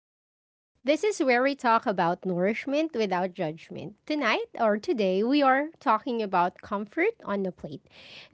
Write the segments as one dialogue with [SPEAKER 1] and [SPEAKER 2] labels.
[SPEAKER 1] Lounge. This is where we talk about nourishment without judgment. Tonight or today, we are talking about comfort on the plate.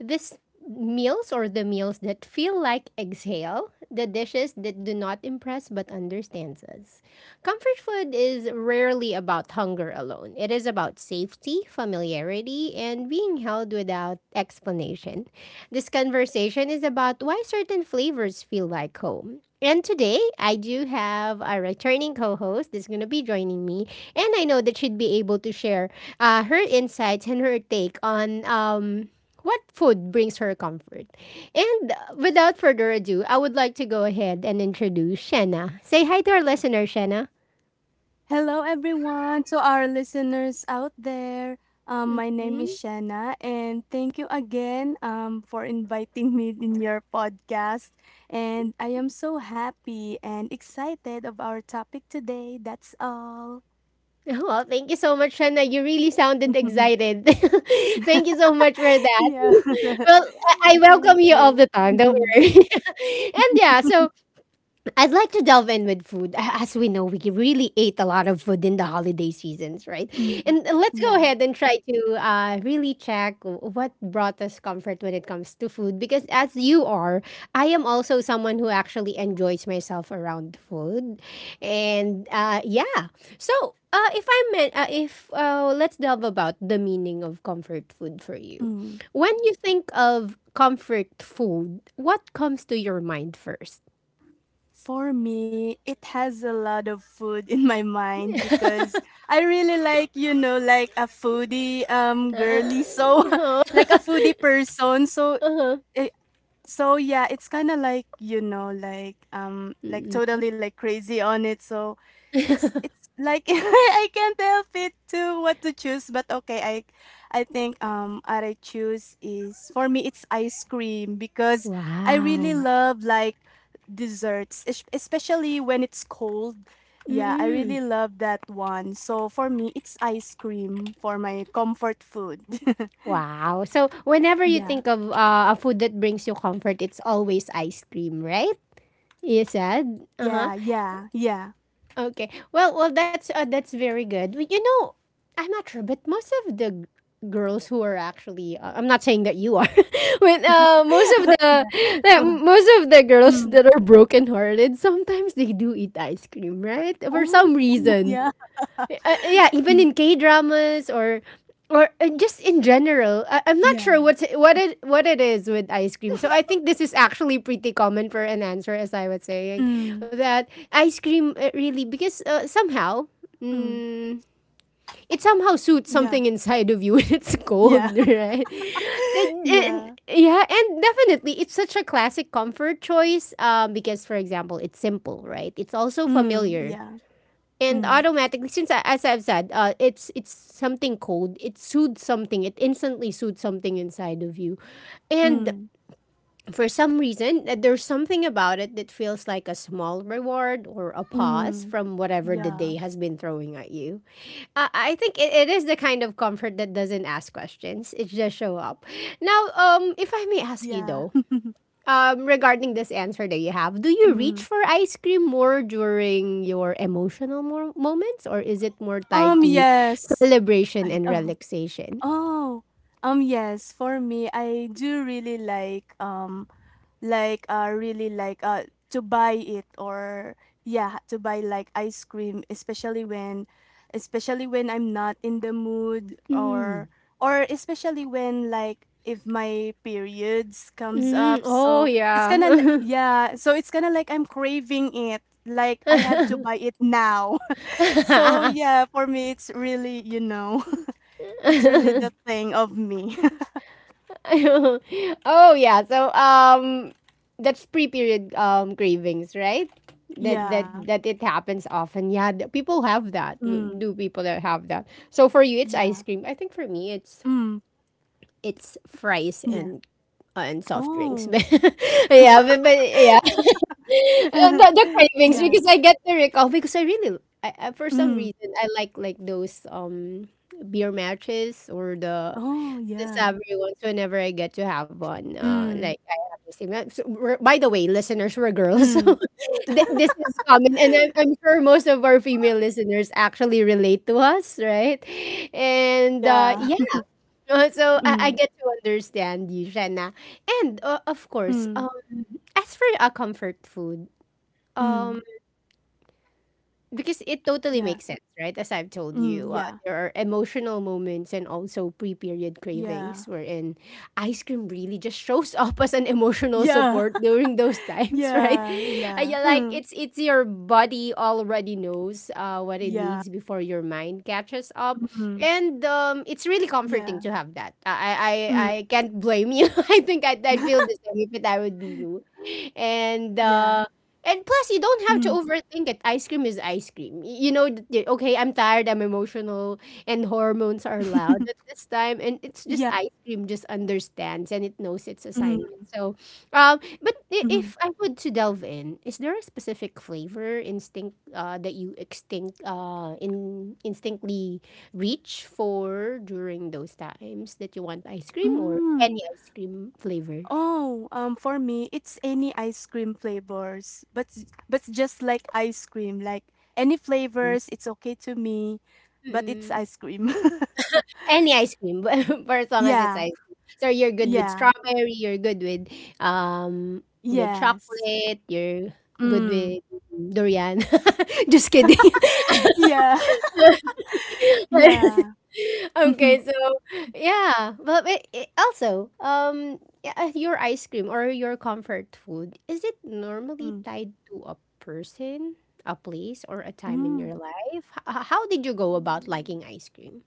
[SPEAKER 1] This meals or the meals that feel like exhale, the dishes that do not impress but understands us. Comfort food is rarely about hunger alone. It is about safety, familiarity, and being held without explanation. This conversation is about why certain flavors feel like home, and today, I do have a returning co host that's going to be joining me. And I know that she'd be able to share her insights and her take on what food brings her comfort. And without further ado, I would like to go ahead and introduce Shanna. Say hi to our listener, Shanna.
[SPEAKER 2] Hello, everyone, to our listeners out there. My name is
[SPEAKER 1] Mhm.
[SPEAKER 2] Shanna, and thank you again for inviting me in your podcast. And I am so happy and excited of our topic today. That's all.
[SPEAKER 1] Well, thank you so much, Shanna. You really sounded excited.
[SPEAKER 2] Yeah.
[SPEAKER 1] Thank you so much for that. Well, I
[SPEAKER 2] Thank
[SPEAKER 1] welcome you all the
[SPEAKER 2] you.
[SPEAKER 1] time. Don't worry. And yeah, so I'd like to delve in with food. As we know, we really ate a lot of food in the holiday seasons, right?
[SPEAKER 2] Mm,
[SPEAKER 1] And let's go
[SPEAKER 2] yeah.
[SPEAKER 1] ahead and try to really check what brought us comfort when it comes to food. Because as you are, I am also someone who actually enjoys myself around food. And yeah, so if I meant, if let's delve about the meaning of comfort food for you.
[SPEAKER 2] Mm.
[SPEAKER 1] When you think of comfort food, what comes to your mind first?
[SPEAKER 2] For me, it has a lot of food in my mind because I really like like a foodie girly,
[SPEAKER 1] Uh
[SPEAKER 2] so
[SPEAKER 1] huh.
[SPEAKER 2] like a foodie person. So it, so yeah, it's kind of like like
[SPEAKER 1] Mm.
[SPEAKER 2] totally like crazy on it. So it's like I can't help it to what to choose. But okay, I think what I choose is for me it's ice cream because I
[SPEAKER 1] Wow.
[SPEAKER 2] really love like desserts, especially when it's cold. Yeah, I
[SPEAKER 1] Mm-mm.
[SPEAKER 2] really love that one. So for me, it's ice cream for my comfort food.
[SPEAKER 1] Wow. So whenever you
[SPEAKER 2] Yeah,
[SPEAKER 1] think of a food that brings you comfort, it's always ice cream, right? You said. Uh huh.
[SPEAKER 2] yeah, yeah, yeah.
[SPEAKER 1] Okay. Well, well, that's very good. Well, you know, I'm not sure, but most of the girls who are actually, I'm not saying that you are, when most of the
[SPEAKER 2] Yeah.
[SPEAKER 1] that most of the girls
[SPEAKER 2] Mm.
[SPEAKER 1] that are broken hearted, sometimes they do eat ice cream, right? For
[SPEAKER 2] Oh,
[SPEAKER 1] some reason
[SPEAKER 2] yeah.
[SPEAKER 1] yeah, even
[SPEAKER 2] Mm,
[SPEAKER 1] in K dramas or just in general, I'm not sure
[SPEAKER 2] yeah.
[SPEAKER 1] what it is with ice cream. So I think this is actually pretty common for an answer, as I was saying,
[SPEAKER 2] Mm,
[SPEAKER 1] that ice cream really because somehow.
[SPEAKER 2] mm.
[SPEAKER 1] Mm, it somehow suits
[SPEAKER 2] Yeah.
[SPEAKER 1] something inside of you when it's
[SPEAKER 2] Yeah.
[SPEAKER 1] cold, right?
[SPEAKER 2] Yeah.
[SPEAKER 1] Yeah, and definitely, it's such a classic comfort choice because, for example, it's simple, right? It's also
[SPEAKER 2] Mm,
[SPEAKER 1] familiar,
[SPEAKER 2] yeah.
[SPEAKER 1] and
[SPEAKER 2] Mm,
[SPEAKER 1] automatically as I've said, it's something cold, it soothes something, it instantly soothes something inside of you. And
[SPEAKER 2] mm,
[SPEAKER 1] for some reason, there's something about it that feels like a small reward or a pause
[SPEAKER 2] mm.
[SPEAKER 1] from whatever the
[SPEAKER 2] Yeah.
[SPEAKER 1] day has been throwing at you. I think it is the kind of comfort that doesn't ask questions, it just show up. Now, if I may ask you
[SPEAKER 2] Yeah.
[SPEAKER 1] though, regarding this answer that you have, do you reach
[SPEAKER 2] Mm.
[SPEAKER 1] for ice cream more during your emotional moments, or is it more tied to
[SPEAKER 2] Yes.
[SPEAKER 1] celebration and
[SPEAKER 2] Oh,
[SPEAKER 1] relaxation?
[SPEAKER 2] oh. Yes. For me, I do really like really like to buy it, or yeah, to buy like ice cream, especially when I'm not in the mood, or especially when, like, if my periods comes
[SPEAKER 1] Mm,
[SPEAKER 2] up,
[SPEAKER 1] oh
[SPEAKER 2] so it's kind of like,
[SPEAKER 1] yeah.
[SPEAKER 2] yeah, so it's kind of like I'm craving it, like I have to buy it now. So yeah, for me it's really, it's really the thing of me.
[SPEAKER 1] Oh yeah. So that's pre-period cravings, right? That that
[SPEAKER 2] Yeah.
[SPEAKER 1] that it happens often. Yeah, people have that. W-
[SPEAKER 2] Mm,
[SPEAKER 1] Do people that have that? So for you it's
[SPEAKER 2] yeah.
[SPEAKER 1] ice cream. I think for me it's
[SPEAKER 2] Mm,
[SPEAKER 1] fries
[SPEAKER 2] yeah.
[SPEAKER 1] and soft drinks.
[SPEAKER 2] Oh.
[SPEAKER 1] But yeah, but yeah, the cravings
[SPEAKER 2] Yeah.
[SPEAKER 1] because I get the recall because I really, I, for some
[SPEAKER 2] Mm.
[SPEAKER 1] reason, I like those beer matches or
[SPEAKER 2] Oh,
[SPEAKER 1] the
[SPEAKER 2] yeah.
[SPEAKER 1] savory ones whenever I get to have one.
[SPEAKER 2] Mm.
[SPEAKER 1] Like I have the same. So we're, by the way, listeners, we're girls, so
[SPEAKER 2] Mm.
[SPEAKER 1] this is common, and I'm sure most of our female listeners actually relate to us, right? And
[SPEAKER 2] Yeah.
[SPEAKER 1] yeah. So I
[SPEAKER 2] Mm.
[SPEAKER 1] get to understand you, Shanna. And of course,
[SPEAKER 2] Mm.
[SPEAKER 1] as for a comfort food,
[SPEAKER 2] Mm.
[SPEAKER 1] um, because it totally
[SPEAKER 2] Yeah.
[SPEAKER 1] makes sense, right? As I've told
[SPEAKER 2] Mm.
[SPEAKER 1] you,
[SPEAKER 2] Yeah.
[SPEAKER 1] there are emotional moments and also pre-period
[SPEAKER 2] Yeah.
[SPEAKER 1] cravings wherein ice cream really just shows up as an emotional
[SPEAKER 2] Yeah.
[SPEAKER 1] support during those times, right?
[SPEAKER 2] Yeah. Yeah.
[SPEAKER 1] Yeah, like
[SPEAKER 2] Mm.
[SPEAKER 1] it's your body already knows what it
[SPEAKER 2] Yeah.
[SPEAKER 1] needs before your mind catches up,
[SPEAKER 2] Mm.
[SPEAKER 1] and it's really comforting
[SPEAKER 2] Yeah.
[SPEAKER 1] to have that.
[SPEAKER 2] Mm.
[SPEAKER 1] I can't blame you. I'd feel the same if it, I would be you, and.
[SPEAKER 2] Yeah.
[SPEAKER 1] Um, and plus, you don't have to
[SPEAKER 2] Mm.
[SPEAKER 1] overthink it. Ice cream is ice cream. Y- You know, okay, I'm tired, I'm emotional, and hormones are loud at this time. And
[SPEAKER 2] Yeah.
[SPEAKER 1] it's just ice cream just understands and it knows its
[SPEAKER 2] Mm.
[SPEAKER 1] assignment. So, but
[SPEAKER 2] Mhm.
[SPEAKER 1] if I would to delve in, is there a specific flavor instinct that you extinct in instinctly reach for during those times that you want ice cream, or
[SPEAKER 2] Mm.
[SPEAKER 1] any ice cream flavor?
[SPEAKER 2] Oh, for me, it's any ice cream flavors, but but it's just like ice cream, like any flavors, it's okay to me, but it's
[SPEAKER 1] Mm-mm.
[SPEAKER 2] ice cream.
[SPEAKER 1] Any ice cream, for as long as it's
[SPEAKER 2] Yeah,
[SPEAKER 1] ice cream. So you're good with
[SPEAKER 2] yeah,
[SPEAKER 1] strawberry, you're good um with
[SPEAKER 2] yes.
[SPEAKER 1] chocolate, you're good with
[SPEAKER 2] Mm.
[SPEAKER 1] durian. Just kidding.
[SPEAKER 2] Yeah, yeah.
[SPEAKER 1] Okay, so yeah, but also yeah, your ice cream or your comfort food, is it normally
[SPEAKER 2] Mm.
[SPEAKER 1] tied to a person, a place, or a time in
[SPEAKER 2] Mm.
[SPEAKER 1] your life? How did you go about liking ice cream?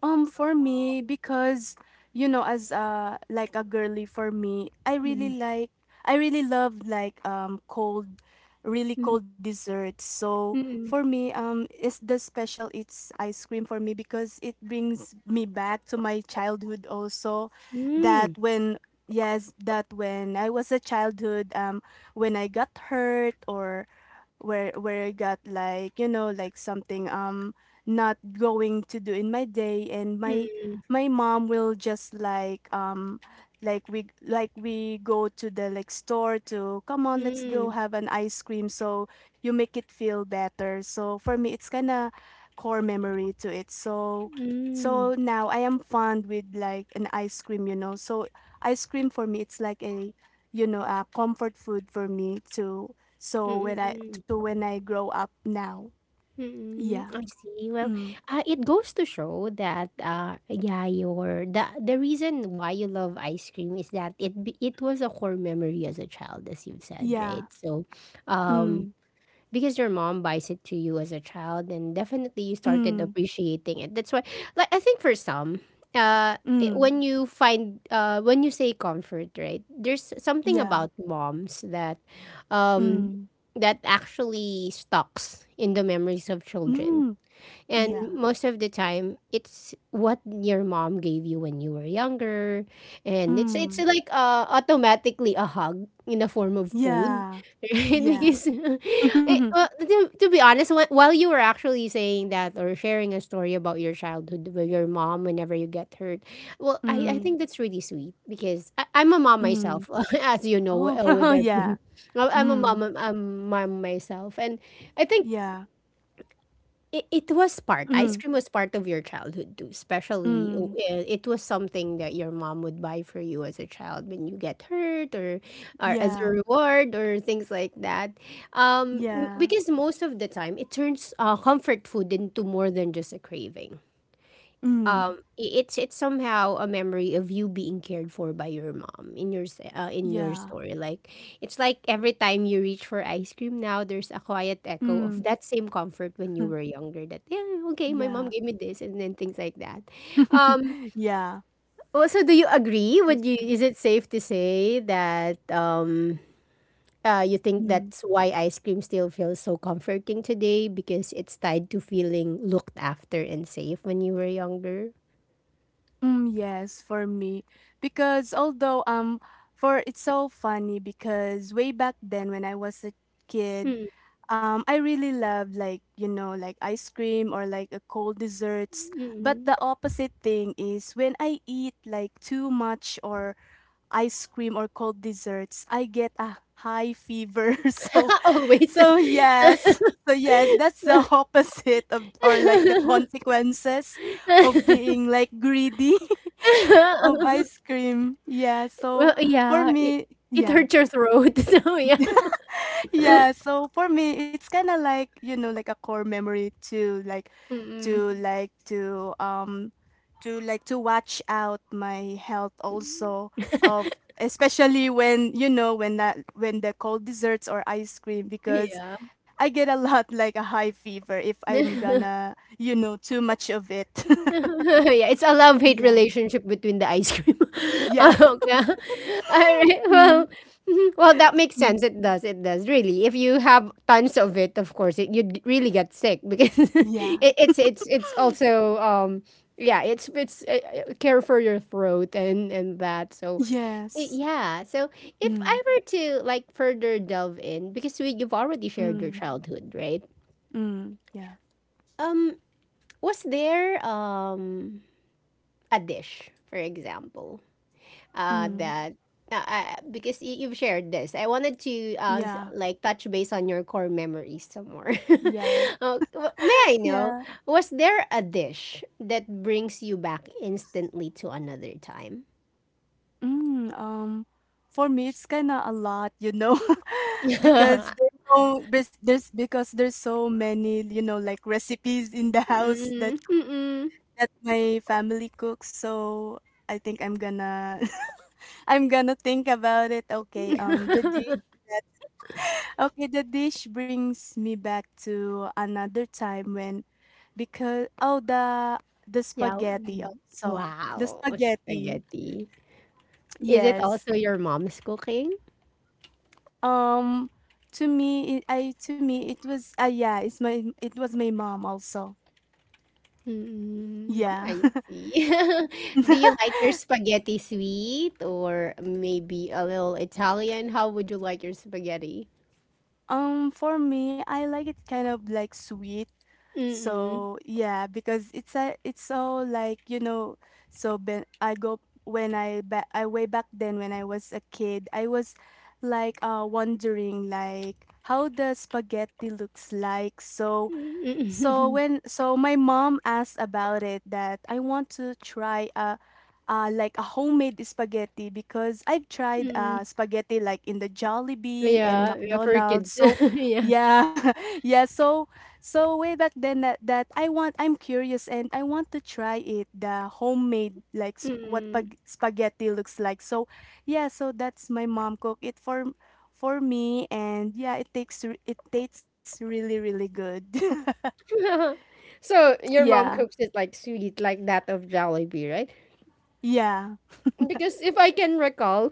[SPEAKER 2] For me, because as like a girly for me, I really love like cold, really cold desserts. So for
[SPEAKER 1] Mm.
[SPEAKER 2] me, it's the special it's ice cream for me because it brings me back to my childhood also. That
[SPEAKER 1] Mm.
[SPEAKER 2] when Yes, that when I was a childhood, when I got hurt, or where I got like like something, not going to do in my day, and my
[SPEAKER 1] Mm,
[SPEAKER 2] my mom will just like we go to the like store to come on, let's go
[SPEAKER 1] mm.
[SPEAKER 2] have an ice cream so you make it feel better. So for me it's kind of core memory to it, so now I am fond with like an ice cream so ice cream for me it's like a a comfort food for me too, so
[SPEAKER 1] Mm,
[SPEAKER 2] when I grow up now.
[SPEAKER 1] mm,
[SPEAKER 2] Yeah.
[SPEAKER 1] I see. Well,
[SPEAKER 2] Mm.
[SPEAKER 1] it goes to show that yeah, your the reason why you love ice cream is that it was a core memory as a child, as you've said,
[SPEAKER 2] Yeah.
[SPEAKER 1] right? So, um,
[SPEAKER 2] Mm,
[SPEAKER 1] because your mom buys it to you as a child, and definitely you started
[SPEAKER 2] mm,
[SPEAKER 1] appreciating it. That's why, like, I think for some,
[SPEAKER 2] mm,
[SPEAKER 1] when you find, when you say comfort, right, there's something
[SPEAKER 2] yeah.
[SPEAKER 1] about moms that, um
[SPEAKER 2] Mm,
[SPEAKER 1] that actually stocks in the memories of
[SPEAKER 2] mhm,
[SPEAKER 1] children, and
[SPEAKER 2] yeah.
[SPEAKER 1] most of the time, it's what your mom gave you when you were younger, and it's
[SPEAKER 2] Mm,
[SPEAKER 1] like, automatically a hug in the form of food,
[SPEAKER 2] yeah.
[SPEAKER 1] right?
[SPEAKER 2] Yeah.
[SPEAKER 1] Because eh, well, to be honest, while you were actually saying that or sharing a story about your childhood with your mom whenever you get hurt, well, I
[SPEAKER 2] Mm,
[SPEAKER 1] think that's really sweet because I'm a mom
[SPEAKER 2] mm.
[SPEAKER 1] myself, as you know,
[SPEAKER 2] Oh, yeah.
[SPEAKER 1] I'm a mom,
[SPEAKER 2] Mm,
[SPEAKER 1] I'm mom myself, and I think
[SPEAKER 2] yeah.
[SPEAKER 1] it, it was part, ice
[SPEAKER 2] Mm,
[SPEAKER 1] cream was part of your childhood too, especially w
[SPEAKER 2] mm,
[SPEAKER 1] eh, it was something that your mom would buy for you as a child when you get hurt, or as a
[SPEAKER 2] yeah.
[SPEAKER 1] reward or things like that.
[SPEAKER 2] Yeah.
[SPEAKER 1] Because most of the time it turns comfort food into more than just a craving.
[SPEAKER 2] Mm,
[SPEAKER 1] It's somehow a memory of you being cared for by your mom in your in your
[SPEAKER 2] yeah.
[SPEAKER 1] story. Like, it's like every time you reach for ice cream now, there's a quiet echo
[SPEAKER 2] Mm,
[SPEAKER 1] of that same comfort when you were younger. That, yeah, okay, my mom
[SPEAKER 2] yeah.
[SPEAKER 1] gave me this, and then things like that. Um,
[SPEAKER 2] Yeah.
[SPEAKER 1] also, do you agree, would
[SPEAKER 2] That's
[SPEAKER 1] you,
[SPEAKER 2] true.
[SPEAKER 1] is it safe to say that you think
[SPEAKER 2] Mm,
[SPEAKER 1] that's why ice cream still feels so comforting today, because it's tied to feeling looked after and safe when you were younger.
[SPEAKER 2] mm, yes, for me. Because although for it's so funny because way back then when I was a kid.
[SPEAKER 1] Hmm.
[SPEAKER 2] I really love like like ice cream or like a cold desserts. But
[SPEAKER 1] Mm-mm.
[SPEAKER 2] the opposite thing is when I eat like too much, or ice cream or cold desserts, I get a high fever. So,
[SPEAKER 1] Always.
[SPEAKER 2] so yes. So yes, that's the opposite of, or like the consequences of being like greedy of ice cream. Yeah, so
[SPEAKER 1] Well,
[SPEAKER 2] for
[SPEAKER 1] yeah,
[SPEAKER 2] me,
[SPEAKER 1] it
[SPEAKER 2] yeah.
[SPEAKER 1] hurts your throat, so yeah.
[SPEAKER 2] Yeah, so for me, it's kind of like like a core memory to like to
[SPEAKER 1] Mm,
[SPEAKER 2] like to um to like to watch out my health also of, especially when when that when the cold desserts or ice cream, because
[SPEAKER 1] yeah.
[SPEAKER 2] I get a lot, like a high fever if I'm gonna too much of it.
[SPEAKER 1] Yeah, it's a love hate
[SPEAKER 2] Yeah.
[SPEAKER 1] relationship between the ice cream.
[SPEAKER 2] Yeah.
[SPEAKER 1] Ah, okay. All right.
[SPEAKER 2] Mm,
[SPEAKER 1] Well, mhm. Well, that makes
[SPEAKER 2] mm,
[SPEAKER 1] sense. It does. It does. Really. If you have tons of it, of course, it, you'd really get sick because
[SPEAKER 2] yeah.
[SPEAKER 1] it's it's also yeah, it's care for your throat and that. So
[SPEAKER 2] Yes.
[SPEAKER 1] yeah. So if I
[SPEAKER 2] Mm,
[SPEAKER 1] were to like further delve in, because we, you've already shared your
[SPEAKER 2] mm,
[SPEAKER 1] childhood, right?
[SPEAKER 2] mm, yeah.
[SPEAKER 1] Um, was there a dish, for example,
[SPEAKER 2] Mm,
[SPEAKER 1] that because you've shared this, I wanted to
[SPEAKER 2] yeah.
[SPEAKER 1] like touch base on your core memories some more.
[SPEAKER 2] Yeah.
[SPEAKER 1] May I know,
[SPEAKER 2] Yeah.
[SPEAKER 1] was there a dish that brings you back instantly to another time?
[SPEAKER 2] Mm, for me, it's kind of a lot because there's so there's, there's because there's so many like recipes in the house that
[SPEAKER 1] Mm, mm-mm.
[SPEAKER 2] that my family cooks. So I think I'm gonna. I'm gonna think about it. Okay. The dish that okay, the dish brings me back to another time, when, because, oh, the
[SPEAKER 1] Yeah.
[SPEAKER 2] spaghetti,
[SPEAKER 1] Mm.
[SPEAKER 2] also the
[SPEAKER 1] Wow,
[SPEAKER 2] spaghetti.
[SPEAKER 1] spaghetti. Is it also
[SPEAKER 2] Yes.
[SPEAKER 1] your mom's cooking?
[SPEAKER 2] Um, to me it was yeah, it was my mom also.
[SPEAKER 1] Mm,
[SPEAKER 2] Yeah.
[SPEAKER 1] I see. Do you like your spaghetti sweet or maybe a little Italian? How would you like your spaghetti?
[SPEAKER 2] For me, I like it kind of like sweet.
[SPEAKER 1] Mm-mm.
[SPEAKER 2] So yeah, because it's so like so ben, I go when I back I way back then when I was a kid, I was like wondering like how the spaghetti looks like. So So
[SPEAKER 1] Mm-mm.
[SPEAKER 2] when so my mom asked about it that I want to try a like a homemade spaghetti because I've tried
[SPEAKER 1] Mm-mm.
[SPEAKER 2] spaghetti like in the Jollibee and
[SPEAKER 1] Yeah, yeah, for
[SPEAKER 2] McDonald's.
[SPEAKER 1] kids.
[SPEAKER 2] So
[SPEAKER 1] Yeah.
[SPEAKER 2] yeah, yeah. So way back then that I'm curious and I want to try it, the homemade like what
[SPEAKER 1] Mm-mm.
[SPEAKER 2] spaghetti looks like. So yeah, so that's my mom cook it for me, and yeah, it takes it tastes really really good.
[SPEAKER 1] So your mom
[SPEAKER 2] Yeah,
[SPEAKER 1] cooks it like sweet, like that of Jollibee, right?
[SPEAKER 2] yeah.
[SPEAKER 1] Because if I can recall,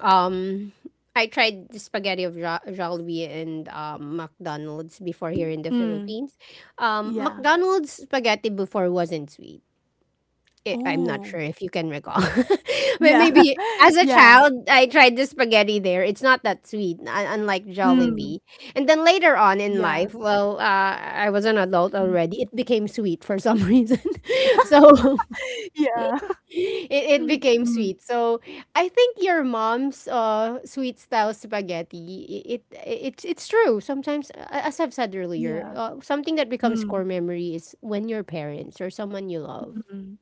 [SPEAKER 1] Um, I tried the spaghetti of Jollibee and McDonald's before here in the
[SPEAKER 2] Mm,
[SPEAKER 1] Philippines.
[SPEAKER 2] yeah.
[SPEAKER 1] McDonald's spaghetti before wasn't sweet. I'm not sure
[SPEAKER 2] Oh,
[SPEAKER 1] if you can recall.
[SPEAKER 2] yeah.
[SPEAKER 1] Maybe as a
[SPEAKER 2] Yeah.
[SPEAKER 1] child, I tried the spaghetti there. It's not that sweet, unlike
[SPEAKER 2] Mm,
[SPEAKER 1] Jollibee. And then later on in
[SPEAKER 2] yeah.
[SPEAKER 1] life, well, I was an adult
[SPEAKER 2] Mm.
[SPEAKER 1] already. It became sweet for some reason. So
[SPEAKER 2] Yeah.
[SPEAKER 1] it became
[SPEAKER 2] Mm,
[SPEAKER 1] sweet. So I think your mom's sweet style spaghetti. It, it's true. Sometimes, as I've said
[SPEAKER 2] yeah.
[SPEAKER 1] earlier, something that becomes
[SPEAKER 2] Mm,
[SPEAKER 1] core memory is when your parents or someone you love
[SPEAKER 2] mm,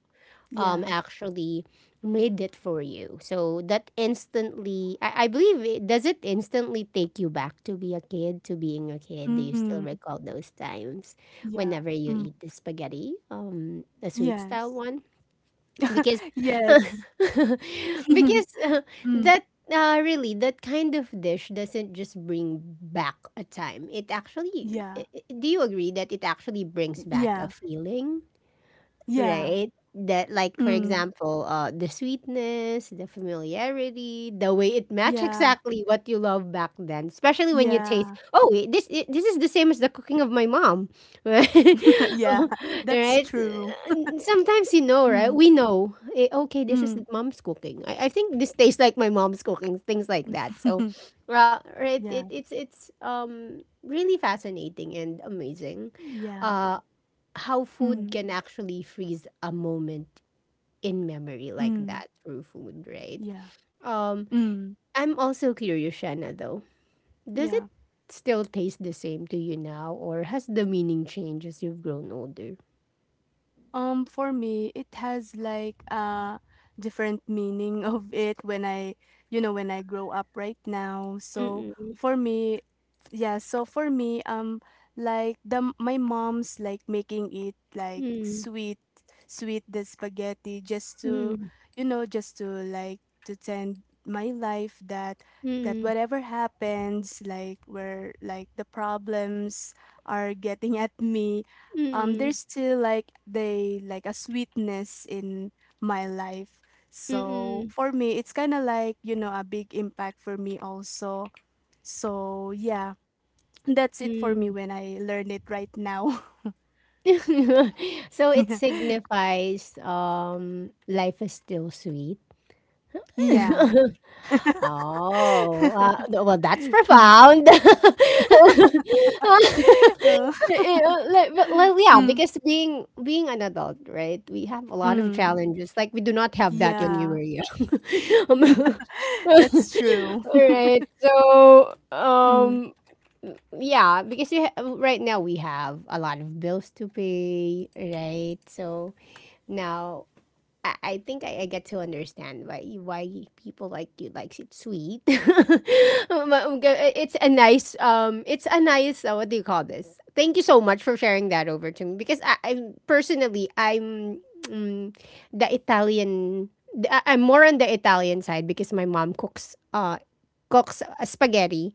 [SPEAKER 2] yeah.
[SPEAKER 1] actually made it for you. So that instantly, I believe, does it instantly take you back to being a kid? Do you
[SPEAKER 2] Mm,
[SPEAKER 1] still recall those times
[SPEAKER 2] yeah.
[SPEAKER 1] whenever you
[SPEAKER 2] Mm,
[SPEAKER 1] eat the spaghetti, the sweet style
[SPEAKER 2] yes.
[SPEAKER 1] one? Because
[SPEAKER 2] Yes.
[SPEAKER 1] because
[SPEAKER 2] Mm,
[SPEAKER 1] that really, that kind of dish doesn't just bring back a time, it actually,
[SPEAKER 2] yeah,
[SPEAKER 1] do you agree that it actually brings back a
[SPEAKER 2] yeah,
[SPEAKER 1] feeling?
[SPEAKER 2] yeah.
[SPEAKER 1] Right? That, like, for
[SPEAKER 2] Mm,
[SPEAKER 1] example, the sweetness, the familiarity, the way it match
[SPEAKER 2] yeah,
[SPEAKER 1] exactly what you love back then, especially when you taste,
[SPEAKER 2] yeah.
[SPEAKER 1] oh, wait, this is the same as the cooking of my mom. Right?
[SPEAKER 2] Yeah, that's
[SPEAKER 1] Right?
[SPEAKER 2] true.
[SPEAKER 1] Sometimes you know,
[SPEAKER 2] Mm,
[SPEAKER 1] right? We know, eh, okay, this
[SPEAKER 2] mm.
[SPEAKER 1] is mom's cooking. I think this tastes like my mom's cooking, things like that. So, well, right, it,
[SPEAKER 2] Yeah,
[SPEAKER 1] it's it's um really fascinating and amazing.
[SPEAKER 2] yeah.
[SPEAKER 1] Uh how food
[SPEAKER 2] Mm,
[SPEAKER 1] can actually freeze a moment in memory like
[SPEAKER 2] mm,
[SPEAKER 1] that through food, right?
[SPEAKER 2] yeah.
[SPEAKER 1] Um,
[SPEAKER 2] Mm,
[SPEAKER 1] I'm also curious, Shanna, though. Does it
[SPEAKER 2] yeah.
[SPEAKER 1] still taste the same to you now, or has the meaning changed as you've grown older?
[SPEAKER 2] For me, it has like a different meaning of it when I grow up right now. So
[SPEAKER 1] Mm-mm.
[SPEAKER 2] for me, yeah, so for me, like the my mom's like making it like
[SPEAKER 1] Mm,
[SPEAKER 2] sweet, sweet, the spaghetti just to,
[SPEAKER 1] mm,
[SPEAKER 2] you know, just to like to tend my life that
[SPEAKER 1] mm,
[SPEAKER 2] whatever happens, like where like the problems are getting at me,
[SPEAKER 1] mm,
[SPEAKER 2] there's still like they like a sweetness in my life, so
[SPEAKER 1] mm,
[SPEAKER 2] for me it's kind of like a big impact for me also. So yeah, that's it for me
[SPEAKER 1] mm.
[SPEAKER 2] when I learn it right now.
[SPEAKER 1] So it signifies life is still sweet.
[SPEAKER 2] Yeah.
[SPEAKER 1] Oh, well, that's
[SPEAKER 2] Mm.
[SPEAKER 1] profound.
[SPEAKER 2] Oh.
[SPEAKER 1] Like, well, yeah,
[SPEAKER 2] Mm,
[SPEAKER 1] because being an adult, right? We have a lot of
[SPEAKER 2] mm.
[SPEAKER 1] challenges. Like we do not have that when we
[SPEAKER 2] Yeah.
[SPEAKER 1] were young. Um,
[SPEAKER 2] That's true.
[SPEAKER 1] All right. So,
[SPEAKER 2] Mm.
[SPEAKER 1] yeah, because right now we have a lot of bills to pay, right? So now I think I get to understand why people like you likes it sweet. It's a nice it's a nice what do you call this? Thank you so much for sharing that over to me because I personally I'm mm, the Italian I'm more on the Italian side because my mom cooks spaghetti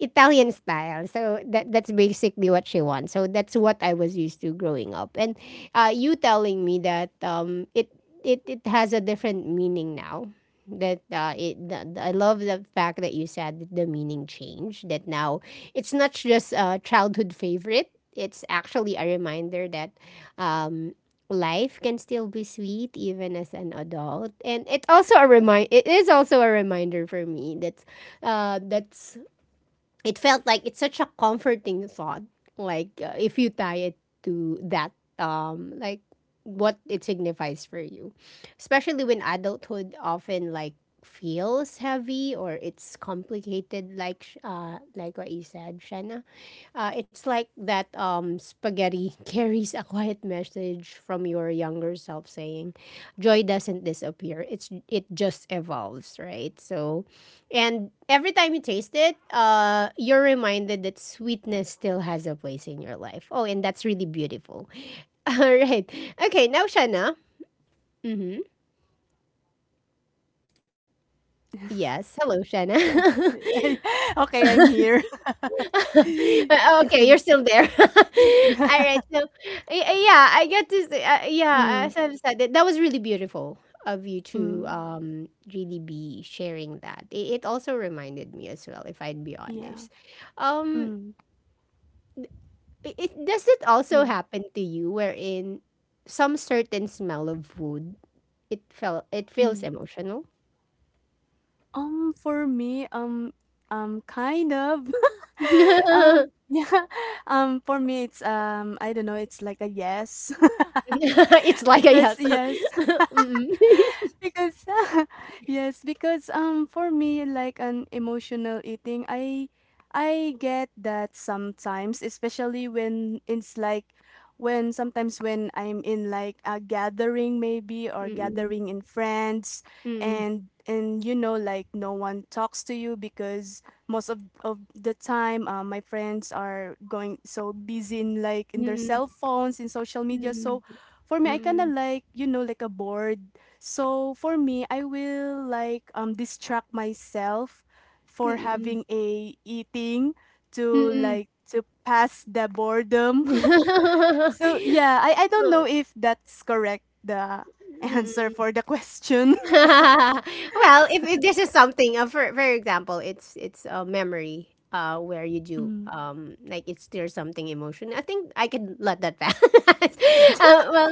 [SPEAKER 1] Italian style. So that that's basically what she wants. So that's what I was used to growing up. And you telling me that it has a different meaning now. That it I love the fact that you said that the meaning changed. That now it's not just a childhood favorite. It's actually a reminder that um, life can still be sweet even as an adult, and it is also a reminder for me that that's it felt like it's such a comforting thought. Like if you tie it to that, like what it signifies for you, especially when adulthood often like feels heavy or it's complicated. Like like what you said, Shanna, it's like that spaghetti carries a quiet message from your younger self saying, "Joy doesn't disappear. It just evolves, right?" So, and every time you taste it, you're reminded that sweetness still has a place in your life. Oh, and that's really beautiful. All right. Okay, now Shanna. Mm-hmm. Yes. Hello, Shanna.
[SPEAKER 2] Th- okay, I'm here. Mm,
[SPEAKER 1] Okay, you're still there. All right. So, yeah, I get to say, yeah, as I've said, that that was really beautiful of you to
[SPEAKER 2] mm,
[SPEAKER 1] really be sharing that. It also reminded me as well, if I'd be
[SPEAKER 2] yeah.
[SPEAKER 1] honest. Um,
[SPEAKER 2] Mm,
[SPEAKER 1] does it also
[SPEAKER 2] yeah.
[SPEAKER 1] happen to you wherein some certain smell of wood it feels
[SPEAKER 2] Mm.
[SPEAKER 1] emotional?
[SPEAKER 2] For me, kind of. Yeah. For me, it's I don't know. It's like a yes,
[SPEAKER 1] It's like a
[SPEAKER 2] because
[SPEAKER 1] yes.
[SPEAKER 2] yes. Because yes, because for me like an emotional eating, I get that sometimes, especially when it's like, when sometimes, when I'm in like a gathering, maybe, or
[SPEAKER 1] Mm-mm.
[SPEAKER 2] gathering in friends, and and like no one talks to you, because most of the time my friends are going so busy in like in their
[SPEAKER 1] Mm-mm.
[SPEAKER 2] cell phones, in social media.
[SPEAKER 1] Mm-mm.
[SPEAKER 2] So
[SPEAKER 1] Mm-mm.
[SPEAKER 2] for me I kind of like like a bored, so for me, I will like distract myself for
[SPEAKER 1] Mm-mm.
[SPEAKER 2] having a eating, to
[SPEAKER 1] Mm-mm.
[SPEAKER 2] like to pass the boredom. So
[SPEAKER 1] Mm-mm.
[SPEAKER 2] yeah, I don't know if that's correct, the answer
[SPEAKER 1] Mm-mm.
[SPEAKER 2] for the question.
[SPEAKER 1] Well, if this is something, for example, it's a memory where you do
[SPEAKER 2] Mm.
[SPEAKER 1] like it's there's something emotion. I think I can let that pass. Well,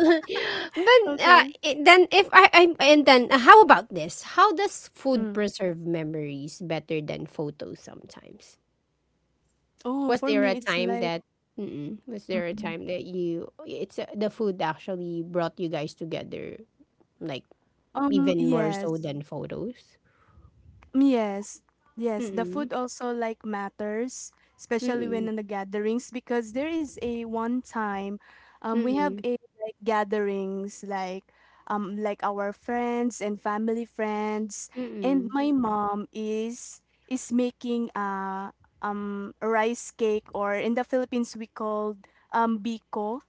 [SPEAKER 2] Okay.
[SPEAKER 1] then if I, I and then how about this? How does food
[SPEAKER 2] Mm.
[SPEAKER 1] preserve memories better than photos sometimes?
[SPEAKER 2] Oh,
[SPEAKER 1] Was
[SPEAKER 2] for
[SPEAKER 1] there a
[SPEAKER 2] me it's
[SPEAKER 1] time
[SPEAKER 2] like
[SPEAKER 1] that was there a
[SPEAKER 2] mm,
[SPEAKER 1] time that you it's the food actually brought you guys together like even more so
[SPEAKER 2] yes.
[SPEAKER 1] than photos?
[SPEAKER 2] Yes, yes. The
[SPEAKER 1] Mm,
[SPEAKER 2] food also like matters, especially
[SPEAKER 1] mm,
[SPEAKER 2] when in the gatherings, because there is a one time, we have
[SPEAKER 1] mm,
[SPEAKER 2] a like gatherings like our friends and family friends, and
[SPEAKER 1] mm,
[SPEAKER 2] my mom is making rice cake, or in the Philippines we called biko.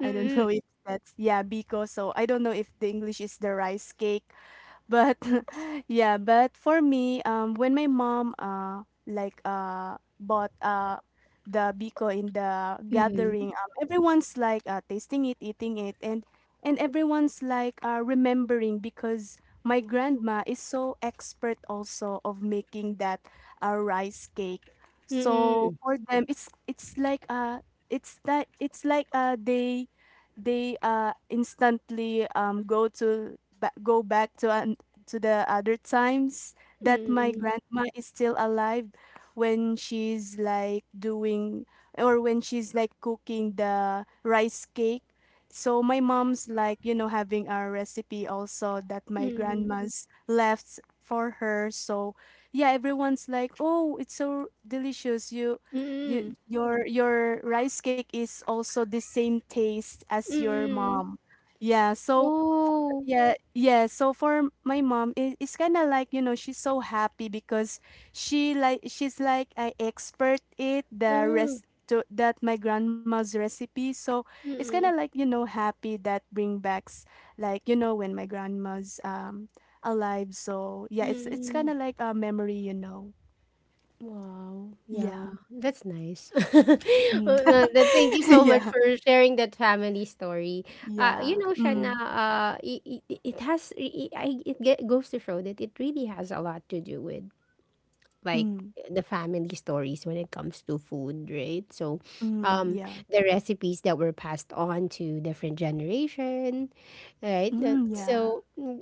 [SPEAKER 2] I don't know if that's, yeah, biko. So I don't know if the English is the rice cake, but yeah, but for me when my mom like bought the biko in the
[SPEAKER 1] mm,
[SPEAKER 2] gathering, everyone's like tasting it, eating it, and everyone's like remembering, because my grandma is so expert also of making that rice cake, so
[SPEAKER 1] mm,
[SPEAKER 2] for them it's like it's that it's like they instantly go to go back to the other times, that my
[SPEAKER 1] mm,
[SPEAKER 2] grandma is still alive, when she's like doing, or when she's like cooking the rice cake. So my mom's like having a recipe also that my
[SPEAKER 1] mm,
[SPEAKER 2] grandma's left for her. So yeah, everyone's like, "Oh, it's so delicious. You
[SPEAKER 1] mm,
[SPEAKER 2] your rice cake is also the same taste as your
[SPEAKER 1] mm.
[SPEAKER 2] mom." Yeah, so
[SPEAKER 1] Wow!
[SPEAKER 2] yeah, yeah. So for my mom, it's kind of like she's so happy because she's like I expert it the
[SPEAKER 1] Ah,
[SPEAKER 2] rest to that my grandma's recipe. So it's kind of
[SPEAKER 1] mm,
[SPEAKER 2] like happy that bring backs like when my grandma's alive. So yeah, it's kind
[SPEAKER 1] mm.
[SPEAKER 2] of like a memory.
[SPEAKER 1] Wow, yeah,
[SPEAKER 2] Yeah.
[SPEAKER 1] that's nice.
[SPEAKER 2] Mm.
[SPEAKER 1] Thank you so
[SPEAKER 2] Yeah.
[SPEAKER 1] much for sharing that family story. You
[SPEAKER 2] Yeah.
[SPEAKER 1] know, Shana,
[SPEAKER 2] Mm.
[SPEAKER 1] it, it, it has, it, I- it ge- goes to show that it really has a lot to do with like
[SPEAKER 2] Mm.
[SPEAKER 1] the family stories when it comes to food, right? So,
[SPEAKER 2] Mm.
[SPEAKER 1] um,
[SPEAKER 2] Yeah.
[SPEAKER 1] the recipes that were passed on to different generation, right? That,
[SPEAKER 2] Mm. Yeah.
[SPEAKER 1] so mm,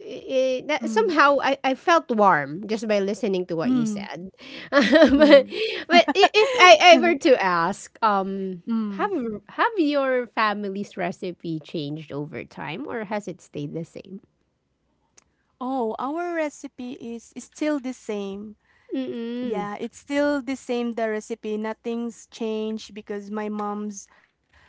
[SPEAKER 1] that
[SPEAKER 2] Mm.
[SPEAKER 1] somehow I felt warm just by listening to what you
[SPEAKER 2] Mm.
[SPEAKER 1] said. but,
[SPEAKER 2] Mm.
[SPEAKER 1] but if I were to ask,
[SPEAKER 2] Mm.
[SPEAKER 1] have have your family's recipe changed over time, or has it stayed the same?
[SPEAKER 2] Oh, our recipe is still the same.
[SPEAKER 1] Mm,
[SPEAKER 2] Yeah, it's still the same, the recipe. Nothing's changed because my mom's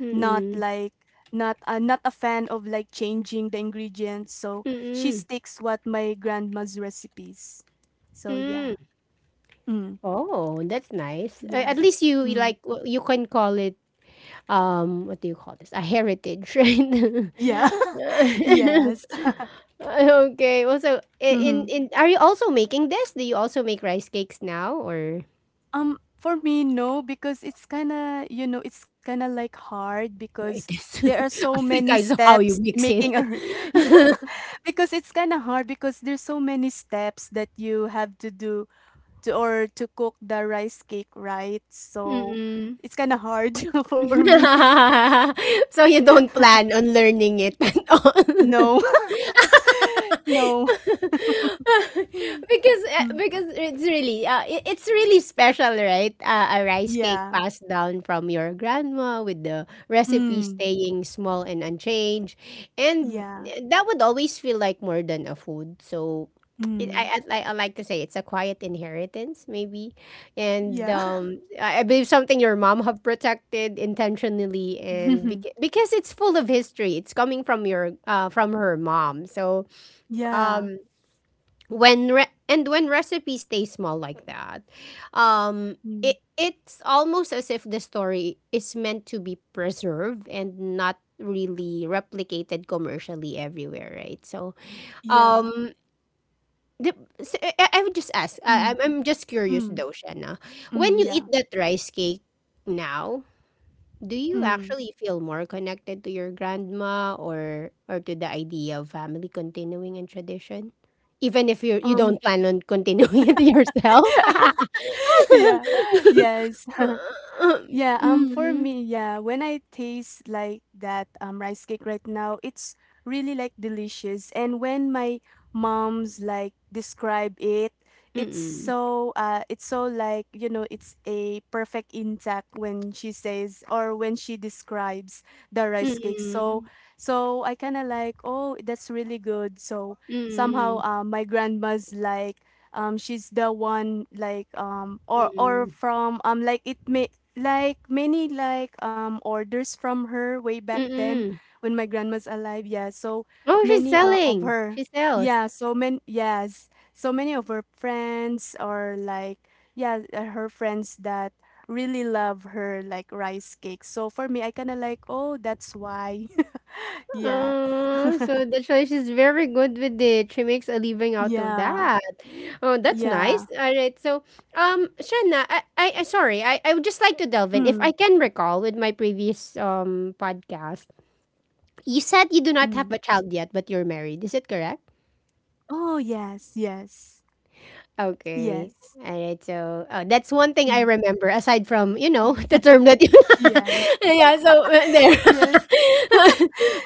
[SPEAKER 1] mm,
[SPEAKER 2] like
[SPEAKER 1] mm,
[SPEAKER 2] not not a fan of like changing the ingredients, so
[SPEAKER 1] mm,
[SPEAKER 2] she
[SPEAKER 1] mm,
[SPEAKER 2] sticks what my grandma's recipes. So yeah.
[SPEAKER 1] mm.
[SPEAKER 2] Mm,
[SPEAKER 1] Oh, that's nice.
[SPEAKER 2] yeah.
[SPEAKER 1] At least you
[SPEAKER 2] Mm,
[SPEAKER 1] like you can call it what do you call this? A heritage, right?
[SPEAKER 2] yeah. Yes.
[SPEAKER 1] Okay. Well, so in are you also making this? Do you also make rice cakes now or
[SPEAKER 2] For me, no, because it's kind of, you know, it's kind of like hard
[SPEAKER 1] yeah, it
[SPEAKER 2] because there are
[SPEAKER 1] is. I
[SPEAKER 2] so
[SPEAKER 1] think
[SPEAKER 2] many
[SPEAKER 1] I saw how you
[SPEAKER 2] steps
[SPEAKER 1] mix it.
[SPEAKER 2] making Yeah, because it's kind of hard because there's so many steps that you have to do to cook the rice cake, right? So
[SPEAKER 1] Mm-mm.
[SPEAKER 2] it's kind of hard for me.
[SPEAKER 1] So you don't plan on learning it at all.
[SPEAKER 2] No, no. Mm,
[SPEAKER 1] Because
[SPEAKER 2] mm,
[SPEAKER 1] it's really it's really special, right? A rice cake
[SPEAKER 2] Yeah.
[SPEAKER 1] passed down from your grandma with the recipe
[SPEAKER 2] Mm,
[SPEAKER 1] staying small and unchanged, and
[SPEAKER 2] yeah.
[SPEAKER 1] that would always feel like more than a food. So
[SPEAKER 2] Mm,
[SPEAKER 1] I I like to say it's a quiet inheritance maybe, and
[SPEAKER 2] yeah.
[SPEAKER 1] I believe something your mom have protected intentionally, and because it's full of history, it's coming from your from her mom. So,
[SPEAKER 2] Yeah.
[SPEAKER 1] um, when re- and when recipes stay small like that,
[SPEAKER 2] Mm,
[SPEAKER 1] it it's almost as if the story is meant to be preserved and not really replicated commercially everywhere, right? So
[SPEAKER 2] yeah.
[SPEAKER 1] um the, I would just ask.
[SPEAKER 2] Mm,
[SPEAKER 1] I'm just curious
[SPEAKER 2] mm,
[SPEAKER 1] though, Shanna. When you eat
[SPEAKER 2] yeah.
[SPEAKER 1] that rice cake now, do you
[SPEAKER 2] Mm.
[SPEAKER 1] actually feel more connected to your grandma, or to the idea of family continuing and tradition? Even if you you
[SPEAKER 2] Um,
[SPEAKER 1] don't plan on continuing it yourself.
[SPEAKER 2] yeah, yes. Yeah, for
[SPEAKER 1] Mm.
[SPEAKER 2] me, yeah, when I taste like that rice cake right now, it's really like delicious. And when my mom's like describe it, it's
[SPEAKER 1] Mm-mm.
[SPEAKER 2] so it's so like, you know, it's a perfect intact when she says or when she describes the
[SPEAKER 1] Mm-mm.
[SPEAKER 2] rice cake.
[SPEAKER 1] Mm-mm.
[SPEAKER 2] So I kind of like, oh, that's really good. So
[SPEAKER 1] Mm-mm.
[SPEAKER 2] somehow my grandma's like she's the one like or from like it may like many like orders from her way back then
[SPEAKER 1] Mm-mm. Mm.
[SPEAKER 2] when my grandma's alive, yeah. So
[SPEAKER 1] Oh, she's
[SPEAKER 2] many of
[SPEAKER 1] selling.
[SPEAKER 2] her,
[SPEAKER 1] She sells.
[SPEAKER 2] yeah, so many. Yes, so many of her friends or like, yeah, her friends that really love her like rice cake. So for me, I kind of like, oh, that's why. Yes.
[SPEAKER 1] Oh, so that's why she's very good with it. She makes a living out of
[SPEAKER 2] Yeah.
[SPEAKER 1] that. Oh, that's
[SPEAKER 2] Yeah.
[SPEAKER 1] nice. All right. So, Shanna, I sorry, I would just like to delve in.
[SPEAKER 2] Mm,
[SPEAKER 1] If I can recall with my previous podcast, you
[SPEAKER 2] mm.
[SPEAKER 1] said you do not have a child yet, but you're married. Is it correct?
[SPEAKER 2] Oh, yes, yes.
[SPEAKER 1] Okay.
[SPEAKER 2] Yes.
[SPEAKER 1] Alright, so, oh, that's one
[SPEAKER 2] Hmm.
[SPEAKER 1] thing I remember aside from, you know, the term that you
[SPEAKER 2] Yeah.
[SPEAKER 1] yeah, so,
[SPEAKER 2] Yes.
[SPEAKER 1] there.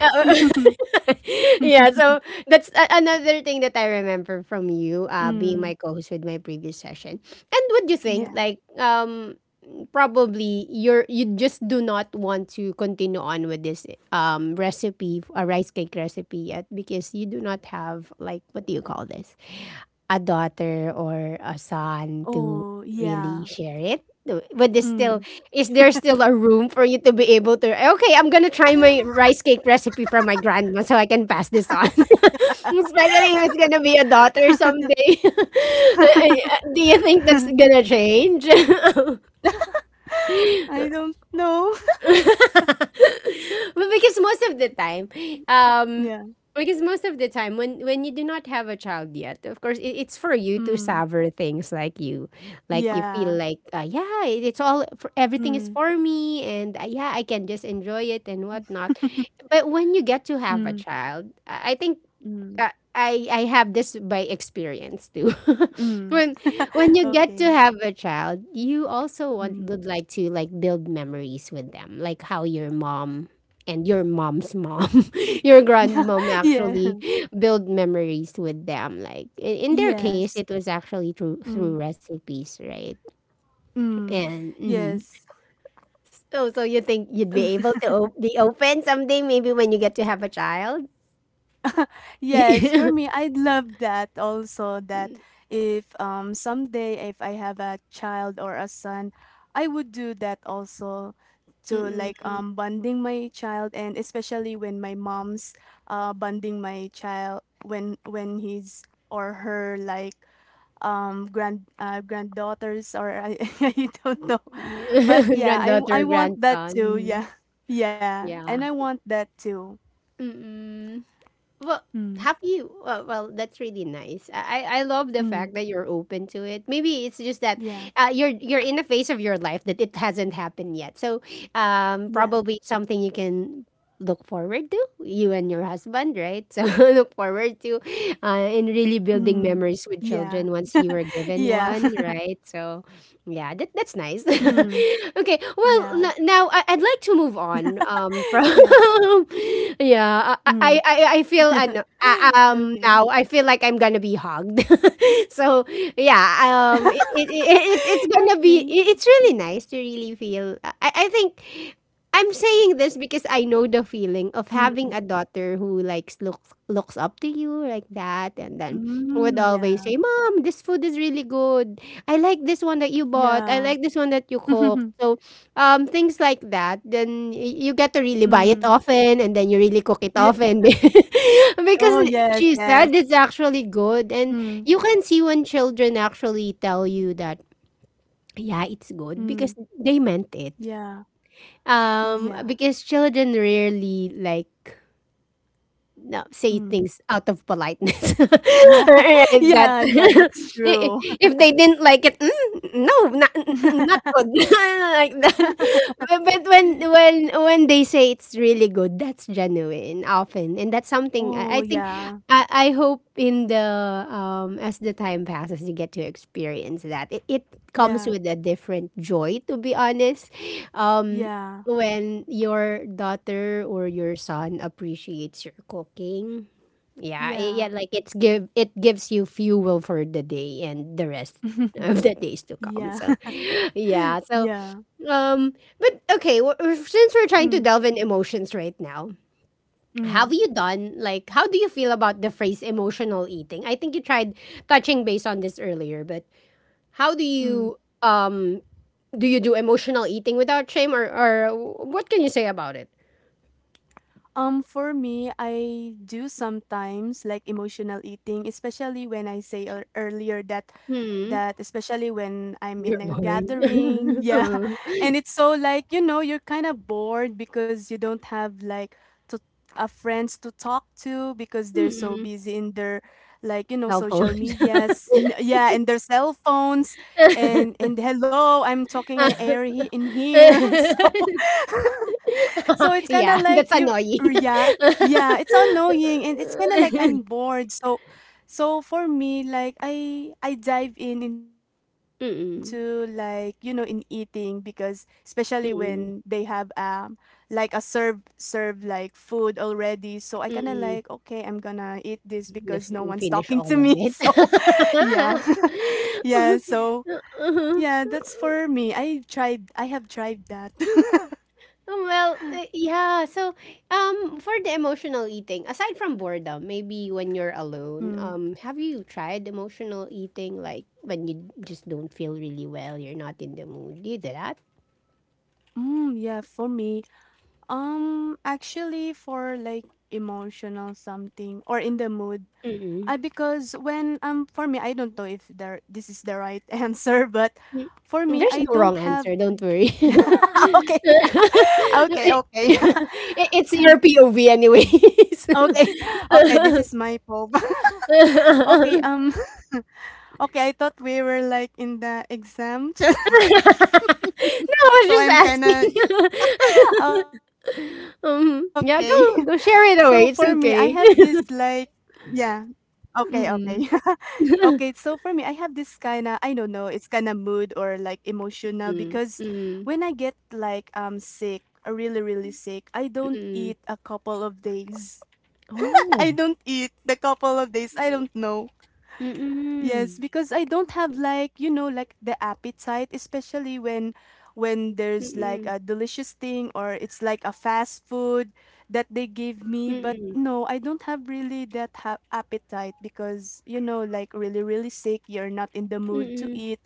[SPEAKER 1] Uh, yeah, so that's a another thing that I remember from you, being
[SPEAKER 2] Mm.
[SPEAKER 1] my co-host with my previous session. And would you think,
[SPEAKER 2] Yeah.
[SPEAKER 1] like, probably you just do not want to continue on with this recipe, a rice cake recipe yet because you do not have like what do you call this? A daughter or a son to
[SPEAKER 2] Oh,
[SPEAKER 1] really
[SPEAKER 2] yeah.
[SPEAKER 1] share it? But there's still,
[SPEAKER 2] Mm.
[SPEAKER 1] is there still a room for you to be able to? Okay, I'm gonna try my rice cake recipe from my grandma so I can pass this on. Especially if it's gonna be a daughter someday. Do you think that's gonna change?
[SPEAKER 2] I don't know.
[SPEAKER 1] But because most of the time, um,
[SPEAKER 2] Yeah.
[SPEAKER 1] because most of the time when you do not have a child yet, of course, it's for you to
[SPEAKER 2] Mm.
[SPEAKER 1] savor things like you
[SPEAKER 2] Yeah.
[SPEAKER 1] feel like, yeah, it's all for, everything is
[SPEAKER 2] Mm.
[SPEAKER 1] for me, and yeah, I can just enjoy it and whatnot. But when you get to have a
[SPEAKER 2] Mm,
[SPEAKER 1] child, I think
[SPEAKER 2] mm,
[SPEAKER 1] uh, I have this by experience too.
[SPEAKER 2] mm.
[SPEAKER 1] when when you get to
[SPEAKER 2] Okay.
[SPEAKER 1] have a child, you also want
[SPEAKER 2] Mm.
[SPEAKER 1] would like to like build memories with them, like how your mom and your mom's mom, your grandmom
[SPEAKER 2] Yeah. Yeah.
[SPEAKER 1] actually build memories with them. Like in their case,
[SPEAKER 2] Yes.
[SPEAKER 1] it was actually through through
[SPEAKER 2] Mm,
[SPEAKER 1] recipes, right?
[SPEAKER 2] mm.
[SPEAKER 1] And mhm.
[SPEAKER 2] Yes.
[SPEAKER 1] So so you think you'd be able to be open someday, maybe when you get to have a child.
[SPEAKER 2] Yes, for me, I'd love that also, that if someday if I have a child or a son, I would do that also, to
[SPEAKER 1] Mm-mm.
[SPEAKER 2] like bonding my child, and especially when my mom's bonding my child when he's or her like granddaughters or I, I don't know. But yeah, I
[SPEAKER 1] Granddaughter,
[SPEAKER 2] want that
[SPEAKER 1] grandson.
[SPEAKER 2] too.
[SPEAKER 1] Mhm.
[SPEAKER 2] Yeah. Yeah, and
[SPEAKER 1] Yeah.
[SPEAKER 2] I want that too.
[SPEAKER 1] Mm-mm. Well,
[SPEAKER 2] Mm.
[SPEAKER 1] have you? Well, well, that's really nice. I love the
[SPEAKER 2] Mm.
[SPEAKER 1] fact that you're open to it. Maybe it's just that
[SPEAKER 2] Yeah.
[SPEAKER 1] you're in a phase of your life that it hasn't happened yet. So,
[SPEAKER 2] Yeah.
[SPEAKER 1] probably something you can look forward to, you and your husband, right?
[SPEAKER 2] Mm.
[SPEAKER 1] So look
[SPEAKER 2] Yeah.
[SPEAKER 1] forward to and
[SPEAKER 2] Yeah.
[SPEAKER 1] really building memories with children once you were given one,
[SPEAKER 2] Mm.
[SPEAKER 1] right? So yeah, that,
[SPEAKER 2] Yeah.
[SPEAKER 1] that's nice. Okay, well, now
[SPEAKER 2] Yeah.
[SPEAKER 1] I'd like to move on. From
[SPEAKER 2] Mm.
[SPEAKER 1] yeah, I
[SPEAKER 2] Okay.
[SPEAKER 1] feel and now I feel like I'm gonna be hugged. So yeah, it, it,
[SPEAKER 2] Okay.
[SPEAKER 1] it it's gonna be it's really nice to really feel. I think I'm saying this because I know the feeling of
[SPEAKER 2] Mm.
[SPEAKER 1] having a daughter who likes looks up to you like that, and then would
[SPEAKER 2] Mm,
[SPEAKER 1] always
[SPEAKER 2] yeah.
[SPEAKER 1] say, "Mom, this food is really good. I like this one that you bought. I
[SPEAKER 2] Yeah.
[SPEAKER 1] like this one that you cooked." So, things like that. Then you get to really
[SPEAKER 2] Mm.
[SPEAKER 1] buy it often, and then you really
[SPEAKER 2] Yeah.
[SPEAKER 1] cook it often
[SPEAKER 2] Oh,
[SPEAKER 1] because
[SPEAKER 2] yes,
[SPEAKER 1] she
[SPEAKER 2] yes.
[SPEAKER 1] said it's actually good, and
[SPEAKER 2] Mm.
[SPEAKER 1] you can see when children actually tell you that yeah, it's good because
[SPEAKER 2] Mm.
[SPEAKER 1] they meant it.
[SPEAKER 2] Yeah. Yeah.
[SPEAKER 1] Because children rarely like no, say
[SPEAKER 2] Mm.
[SPEAKER 1] things out of politeness.
[SPEAKER 2] Yeah.
[SPEAKER 1] And that's
[SPEAKER 2] Yeah, yeah, that's
[SPEAKER 1] i- i-
[SPEAKER 2] true.
[SPEAKER 1] if they didn't like it, no, not, n- n- not good, like that. But when they say it's really good, that's genuine often, and that's something
[SPEAKER 2] Oh,
[SPEAKER 1] I think
[SPEAKER 2] yeah.
[SPEAKER 1] I hope in the as the time passes, you get to experience that. It comes
[SPEAKER 2] Yeah.
[SPEAKER 1] with a different joy, to be honest. Um,
[SPEAKER 2] Yeah.
[SPEAKER 1] when your daughter or your son appreciates your cooking, yeah, yeah,
[SPEAKER 2] Yeah.
[SPEAKER 1] like it's give it gives you fuel for the day and the rest of the days to come.
[SPEAKER 2] Yeah.
[SPEAKER 1] So, yeah, so
[SPEAKER 2] Yeah.
[SPEAKER 1] um, but okay, since we're trying to
[SPEAKER 2] Mm.
[SPEAKER 1] delve in emotions right now, have
[SPEAKER 2] Mm.
[SPEAKER 1] you done like how do you feel about the phrase emotional eating? I think you tried touching base on this earlier, but how do
[SPEAKER 2] Mm.
[SPEAKER 1] you do you do emotional eating without shame, or what can you say about it?
[SPEAKER 2] For me, I do sometimes like emotional eating, especially when I earlier that
[SPEAKER 1] Mm.
[SPEAKER 2] especially when I'm
[SPEAKER 1] You're
[SPEAKER 2] in a gathering,
[SPEAKER 1] bored.
[SPEAKER 2] yeah.
[SPEAKER 1] Uh.
[SPEAKER 2] And it's so like, you know, you're kind of bored because you don't have like to friends to talk to because they're so
[SPEAKER 1] Mm.
[SPEAKER 2] busy in their like, you know,
[SPEAKER 1] Cell phone.
[SPEAKER 2] social medias, in, yeah, and their cell phones, and hello, I'm talking in here. So so it's kind of
[SPEAKER 1] Yeah,
[SPEAKER 2] like
[SPEAKER 1] that's
[SPEAKER 2] you,
[SPEAKER 1] annoying.
[SPEAKER 2] yeah. Yeah, it's annoying, and it's kind of like I'm bored. So for me, like I dive in into like, you know, in
[SPEAKER 1] Mm.
[SPEAKER 2] eating, because especially when they have
[SPEAKER 1] Mm.
[SPEAKER 2] like a serve like food already. So I kind of like, okay, I'm
[SPEAKER 1] Mm.
[SPEAKER 2] gonna eat this because no one's
[SPEAKER 1] Just
[SPEAKER 2] talking to
[SPEAKER 1] finish
[SPEAKER 2] me.
[SPEAKER 1] all
[SPEAKER 2] So
[SPEAKER 1] of it.
[SPEAKER 2] yeah. Yeah, so yeah, that's for me. I have tried that.
[SPEAKER 1] Well, yeah. So, for the emotional eating, aside from boredom, maybe when you're alone,
[SPEAKER 2] Mm.
[SPEAKER 1] have you tried emotional eating? Like when you just don't feel really well, you're not in the mood. Do you do that?
[SPEAKER 2] Mm, yeah, for me. Actually, for like emotional something or in the mood,
[SPEAKER 1] Mm-mm.
[SPEAKER 2] I, because when for me, I don't know if there this is the right answer, but
[SPEAKER 1] Mm.
[SPEAKER 2] for me,
[SPEAKER 1] There's
[SPEAKER 2] I
[SPEAKER 1] no
[SPEAKER 2] don't
[SPEAKER 1] wrong
[SPEAKER 2] have.
[SPEAKER 1] answer. Don't worry.
[SPEAKER 2] Okay. okay,
[SPEAKER 1] It-
[SPEAKER 2] okay,
[SPEAKER 1] it's your POV, anyways.
[SPEAKER 2] okay, okay.
[SPEAKER 1] No,
[SPEAKER 2] This is my pope. Okay. Okay. I thought we were like in the exam,
[SPEAKER 1] I was
[SPEAKER 2] so
[SPEAKER 1] just
[SPEAKER 2] I'm kind of
[SPEAKER 1] asking.
[SPEAKER 2] okay. So for
[SPEAKER 1] Yeah,
[SPEAKER 2] me, I
[SPEAKER 1] go
[SPEAKER 2] have
[SPEAKER 1] go
[SPEAKER 2] this
[SPEAKER 1] share it away.
[SPEAKER 2] like,
[SPEAKER 1] It's okay.
[SPEAKER 2] yeah. Okay, okay. Okay,
[SPEAKER 1] Mm.
[SPEAKER 2] so for me, I have this kind of, I don't know, it's kind of mood or like emotional, because when
[SPEAKER 1] Mm.
[SPEAKER 2] I get
[SPEAKER 1] Mm.
[SPEAKER 2] like sick, really, really sick, I don't eat a
[SPEAKER 1] Mm.
[SPEAKER 2] couple of days. I don't
[SPEAKER 1] Oh.
[SPEAKER 2] eat the couple of days. I don't know.
[SPEAKER 1] Mm-mm.
[SPEAKER 2] Yes, because I don't have like, you know, like the appetite, especially when
[SPEAKER 1] Mm-mm.
[SPEAKER 2] there's like a delicious thing or it's like a fast food that they give me,
[SPEAKER 1] Mm-mm.
[SPEAKER 2] but no, I don't have really that ha appetite because, you know, like really really sick, you're not in the mood to
[SPEAKER 1] Mm-mm.
[SPEAKER 2] eat.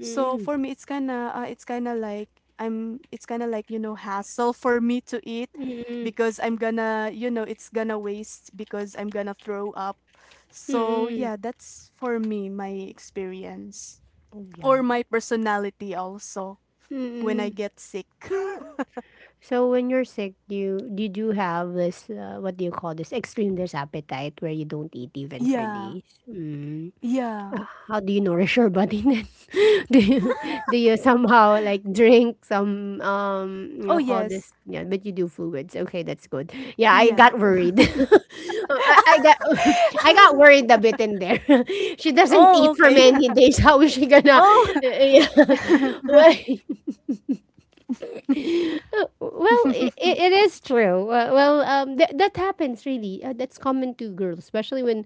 [SPEAKER 2] So for me, it's kinda like I'm, it's kinda like, you know, hassle for me to eat,
[SPEAKER 1] Mm-mm.
[SPEAKER 2] because I'm gonna, you know, it's gonna waste because I'm gonna throw up. So
[SPEAKER 1] Mm-mm.
[SPEAKER 2] yeah, that's for me my experience
[SPEAKER 1] Oh
[SPEAKER 2] or
[SPEAKER 1] yeah.
[SPEAKER 2] my personality also when I
[SPEAKER 1] Mm-mm.
[SPEAKER 2] get sick.
[SPEAKER 1] So when you're sick, you do have this what do you call this, extreme, this appetite where you don't eat even for
[SPEAKER 2] Yeah,
[SPEAKER 1] days. Mm.
[SPEAKER 2] yeah.
[SPEAKER 1] How do you nourish your body then? Do you do you somehow like drink some you
[SPEAKER 2] Oh
[SPEAKER 1] know call
[SPEAKER 2] yes,
[SPEAKER 1] this yeah but you do fluids okay that's good yeah I
[SPEAKER 2] yeah.
[SPEAKER 1] got worried. I got I got worried a bit in there. She doesn't
[SPEAKER 2] Oh
[SPEAKER 1] eat for
[SPEAKER 2] okay.
[SPEAKER 1] many days. How is she gonna?
[SPEAKER 2] Oh.
[SPEAKER 1] Yeah. Well, well, it is true. Well, that happens really, that's common to girls, especially when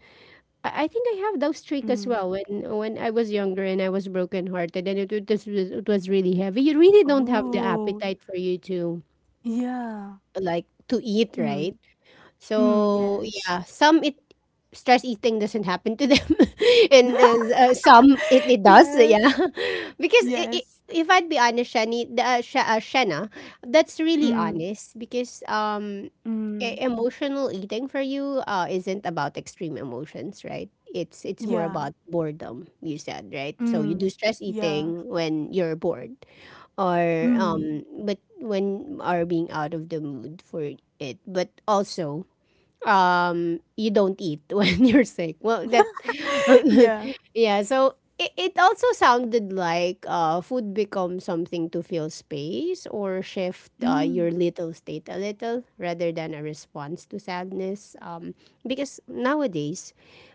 [SPEAKER 1] I think I have those
[SPEAKER 2] Mm.
[SPEAKER 1] streak as well when I was younger and I was brokenhearted, and it was really heavy. You really don't have the
[SPEAKER 2] Oh
[SPEAKER 1] appetite for you to
[SPEAKER 2] yeah.
[SPEAKER 1] like to eat,
[SPEAKER 2] Mm.
[SPEAKER 1] right?
[SPEAKER 2] Mm,
[SPEAKER 1] So
[SPEAKER 2] yes.
[SPEAKER 1] yeah, some it stress eating doesn't happen to them, and some it does. Yeah,
[SPEAKER 2] Yes,
[SPEAKER 1] because I
[SPEAKER 2] yes.
[SPEAKER 1] if I'd be honest, Shani, the, Shana, that's really
[SPEAKER 2] Mm,
[SPEAKER 1] honest because
[SPEAKER 2] mm.
[SPEAKER 1] emotional eating for you isn't about extreme emotions, right? It's more
[SPEAKER 2] Yeah.
[SPEAKER 1] about boredom. You said, right? So you do
[SPEAKER 2] Mm.
[SPEAKER 1] stress
[SPEAKER 2] Yeah.
[SPEAKER 1] eating when you're bored or
[SPEAKER 2] Mm.
[SPEAKER 1] but when are being out of the mood for it, but also you don't eat when you're sick, well that
[SPEAKER 2] Yeah.
[SPEAKER 1] yeah, so it also sounded like food becomes something to fill space or shift
[SPEAKER 2] Mm.
[SPEAKER 1] your little state a little, rather than a response to sadness, um, because nowadays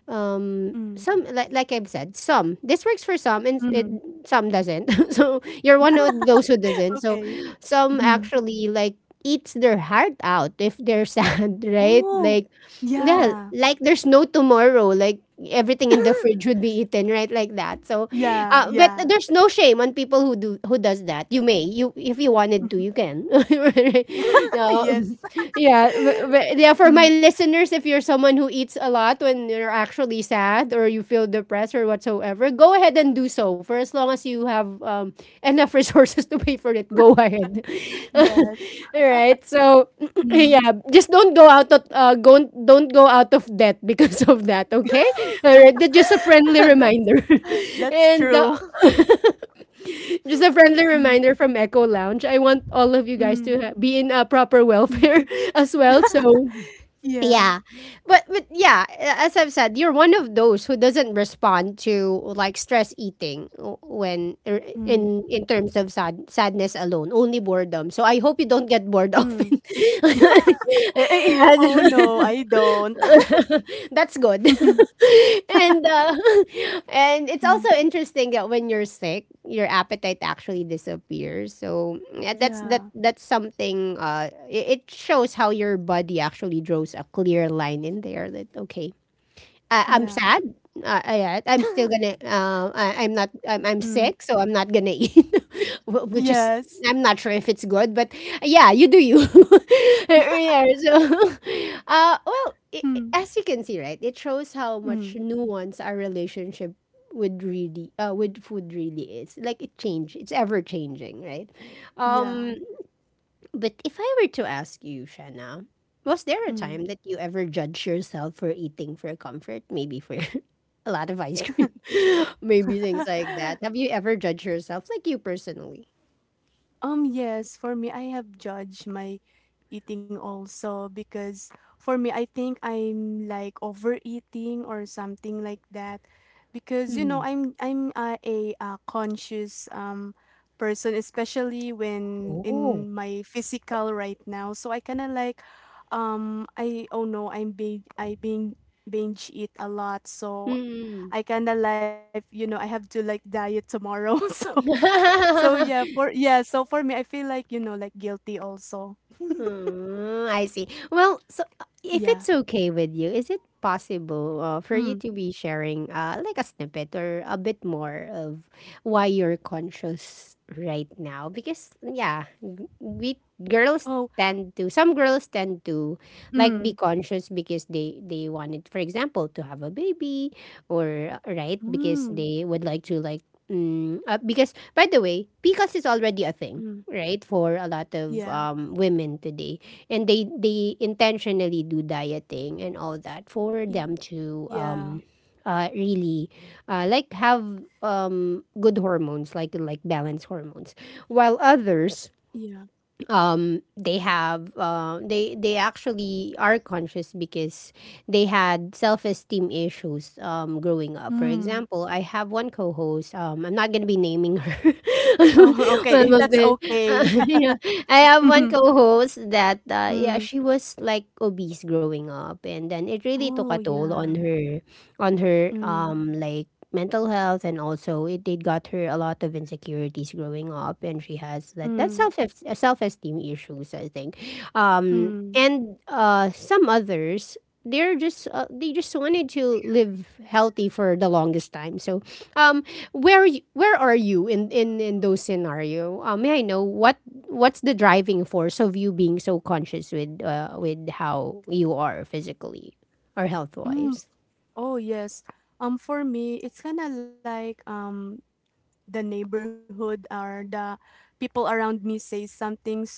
[SPEAKER 2] Mm.
[SPEAKER 1] some, like I've said, some, this works for some and
[SPEAKER 2] Mm.
[SPEAKER 1] some doesn't. So you're one of those who doesn't. So
[SPEAKER 2] Okay.
[SPEAKER 1] some
[SPEAKER 2] Mhm.
[SPEAKER 1] actually like eats their heart out if they're sad, right?
[SPEAKER 2] Oh,
[SPEAKER 1] Like yeah,
[SPEAKER 2] yeah.
[SPEAKER 1] like there's no tomorrow. Like everything in the fridge would be eaten, right? Like that. So,
[SPEAKER 2] Yeah,
[SPEAKER 1] but
[SPEAKER 2] yeah.
[SPEAKER 1] there's no shame on people who do who does that. You may, you if you wanted to,
[SPEAKER 2] Mhm.
[SPEAKER 1] you can. No,
[SPEAKER 2] Yes.
[SPEAKER 1] yeah, yeah. For my
[SPEAKER 2] Mm.
[SPEAKER 1] listeners, if you're someone who eats a lot when you're actually sad or you feel the pressure whatsoever, go ahead and do so. For as long as you have enough resources to pay for it, go ahead. All
[SPEAKER 2] Yes.
[SPEAKER 1] right. So
[SPEAKER 2] Mm.
[SPEAKER 1] yeah, just don't go out of go don't go out of debt because of that. Okay. All right. That's just a friendly
[SPEAKER 2] That's
[SPEAKER 1] reminder, and
[SPEAKER 2] true.
[SPEAKER 1] just a friendly
[SPEAKER 2] Mm.
[SPEAKER 1] reminder from Echo Lounge. I want all of you guys to
[SPEAKER 2] Mm.
[SPEAKER 1] be in a proper
[SPEAKER 2] Mm.
[SPEAKER 1] welfare as well. So
[SPEAKER 2] Yeah.
[SPEAKER 1] yeah. But yeah, as I've said, you're one of those who doesn't respond to like stress eating when
[SPEAKER 2] Mm.
[SPEAKER 1] in terms of sad, sadness alone, only boredom. So I hope you don't get bored
[SPEAKER 2] Mm.
[SPEAKER 1] often.
[SPEAKER 2] Oh,
[SPEAKER 1] Yes.
[SPEAKER 2] no, I don't.
[SPEAKER 1] That's good. And and it's
[SPEAKER 2] Mm.
[SPEAKER 1] also interesting that when you're sick, your appetite actually disappears. So yeah, that's that
[SPEAKER 2] Yeah.
[SPEAKER 1] that's something. It shows how your body actually draws a clear line in there. That okay, I'm
[SPEAKER 2] Yeah.
[SPEAKER 1] sad. Yeah, I'm still gonna. I'm not. I'm
[SPEAKER 2] Mm.
[SPEAKER 1] sick, so I'm not gonna eat. Wh- which is,
[SPEAKER 2] Yes.
[SPEAKER 1] I'm not sure if it's good, but yeah, you do you. Yeah. So, well,
[SPEAKER 2] Mm,
[SPEAKER 1] as you can see, right, it shows how much
[SPEAKER 2] mm,
[SPEAKER 1] nuance our relationship with really, with food really is. Like it change. It's ever changing, right?
[SPEAKER 2] yeah,
[SPEAKER 1] Um, but if I were to ask you, Shanna, was there a
[SPEAKER 2] mm.
[SPEAKER 1] time that you ever judged yourself for eating for comfort? Maybe for a lot of ice cream, maybe things like that. Have you ever judged yourself, like you personally?
[SPEAKER 2] Yes, for me, I have judged my eating also, because for me, I think I'm like overeating or something like that, because you know
[SPEAKER 1] Mm.
[SPEAKER 2] I'm a conscious person, especially when
[SPEAKER 1] Oh.
[SPEAKER 2] in my physical right now. So I kind of like I oh no, I being binge eat a lot. So
[SPEAKER 1] Mm.
[SPEAKER 2] I kind of like, you know, I have to like diet tomorrow. So, so yeah, for yeah, so for me, I feel like, you know, like guilty also.
[SPEAKER 1] Mm, I see. Well,
[SPEAKER 2] Yeah.
[SPEAKER 1] so if it's okay with you, is it possible
[SPEAKER 2] Mm.
[SPEAKER 1] for you to be sharing like a snippet or a bit more of why you're conscious right now? Because yeah, we
[SPEAKER 2] Oh,
[SPEAKER 1] girls tend to, some girls tend to like
[SPEAKER 2] mm.
[SPEAKER 1] be conscious because they wanted, for example, to have a baby or right, because
[SPEAKER 2] Mm.
[SPEAKER 1] they would like to like. Mm, because by the way, PCOS is already a thing,
[SPEAKER 2] Mm.
[SPEAKER 1] right, for a lot of
[SPEAKER 2] Yeah.
[SPEAKER 1] women today, and they intentionally do dieting and all that for them
[SPEAKER 2] Yeah.
[SPEAKER 1] to really like have good hormones, like balanced hormones, while others
[SPEAKER 2] Yeah.
[SPEAKER 1] they have they actually are conscious because they had self-esteem issues growing up. For
[SPEAKER 2] Mm.
[SPEAKER 1] example, I have one co-host, I'm not going to be naming her.
[SPEAKER 2] Oh,
[SPEAKER 1] Well,
[SPEAKER 2] okay.
[SPEAKER 1] but
[SPEAKER 2] That's
[SPEAKER 1] then,
[SPEAKER 2] okay.
[SPEAKER 1] yeah, I have one
[SPEAKER 2] Mhm.
[SPEAKER 1] co-host that yeah,
[SPEAKER 2] Mm.
[SPEAKER 1] she was like obese growing up, and then it really took a
[SPEAKER 2] Oh,
[SPEAKER 1] toll on
[SPEAKER 2] yeah.
[SPEAKER 1] her, on her
[SPEAKER 2] Mm.
[SPEAKER 1] like mental health, and also it did got her a lot of insecurities growing up, and she has that
[SPEAKER 2] Mm.
[SPEAKER 1] self self-esteem issues, I think,
[SPEAKER 2] Mm.
[SPEAKER 1] and some others, they're just they just wanted to live healthy for the longest time, so um where where are you in those scenario, um, may I know what what's the driving force of you being so conscious with how you are physically or health
[SPEAKER 2] Mm.
[SPEAKER 1] wise?
[SPEAKER 2] Oh yes. For me, it's kind of like the neighborhood or the people around me say something, so that's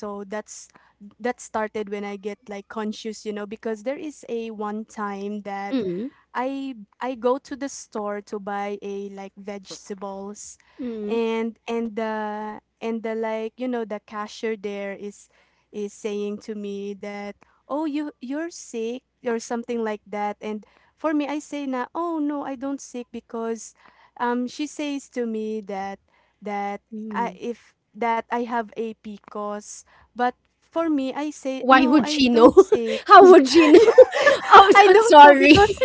[SPEAKER 2] that started when I get like conscious, you know, because there is a one time that
[SPEAKER 1] Mm
[SPEAKER 2] I go to the store to buy a like vegetables,
[SPEAKER 1] mm
[SPEAKER 2] and the like you know the cashier there is saying to me that oh you, you're sick or something like that. And for me, I say na, oh no, I don't sick, because she says to me that I,
[SPEAKER 1] mm.
[SPEAKER 2] if that I have a PCOS, but for me, I say
[SPEAKER 1] Why
[SPEAKER 2] no,
[SPEAKER 1] would
[SPEAKER 2] I
[SPEAKER 1] she know?
[SPEAKER 2] don't sick.
[SPEAKER 1] How would she know? Oh,
[SPEAKER 2] I
[SPEAKER 1] so,
[SPEAKER 2] don't know
[SPEAKER 1] sorry.
[SPEAKER 2] because,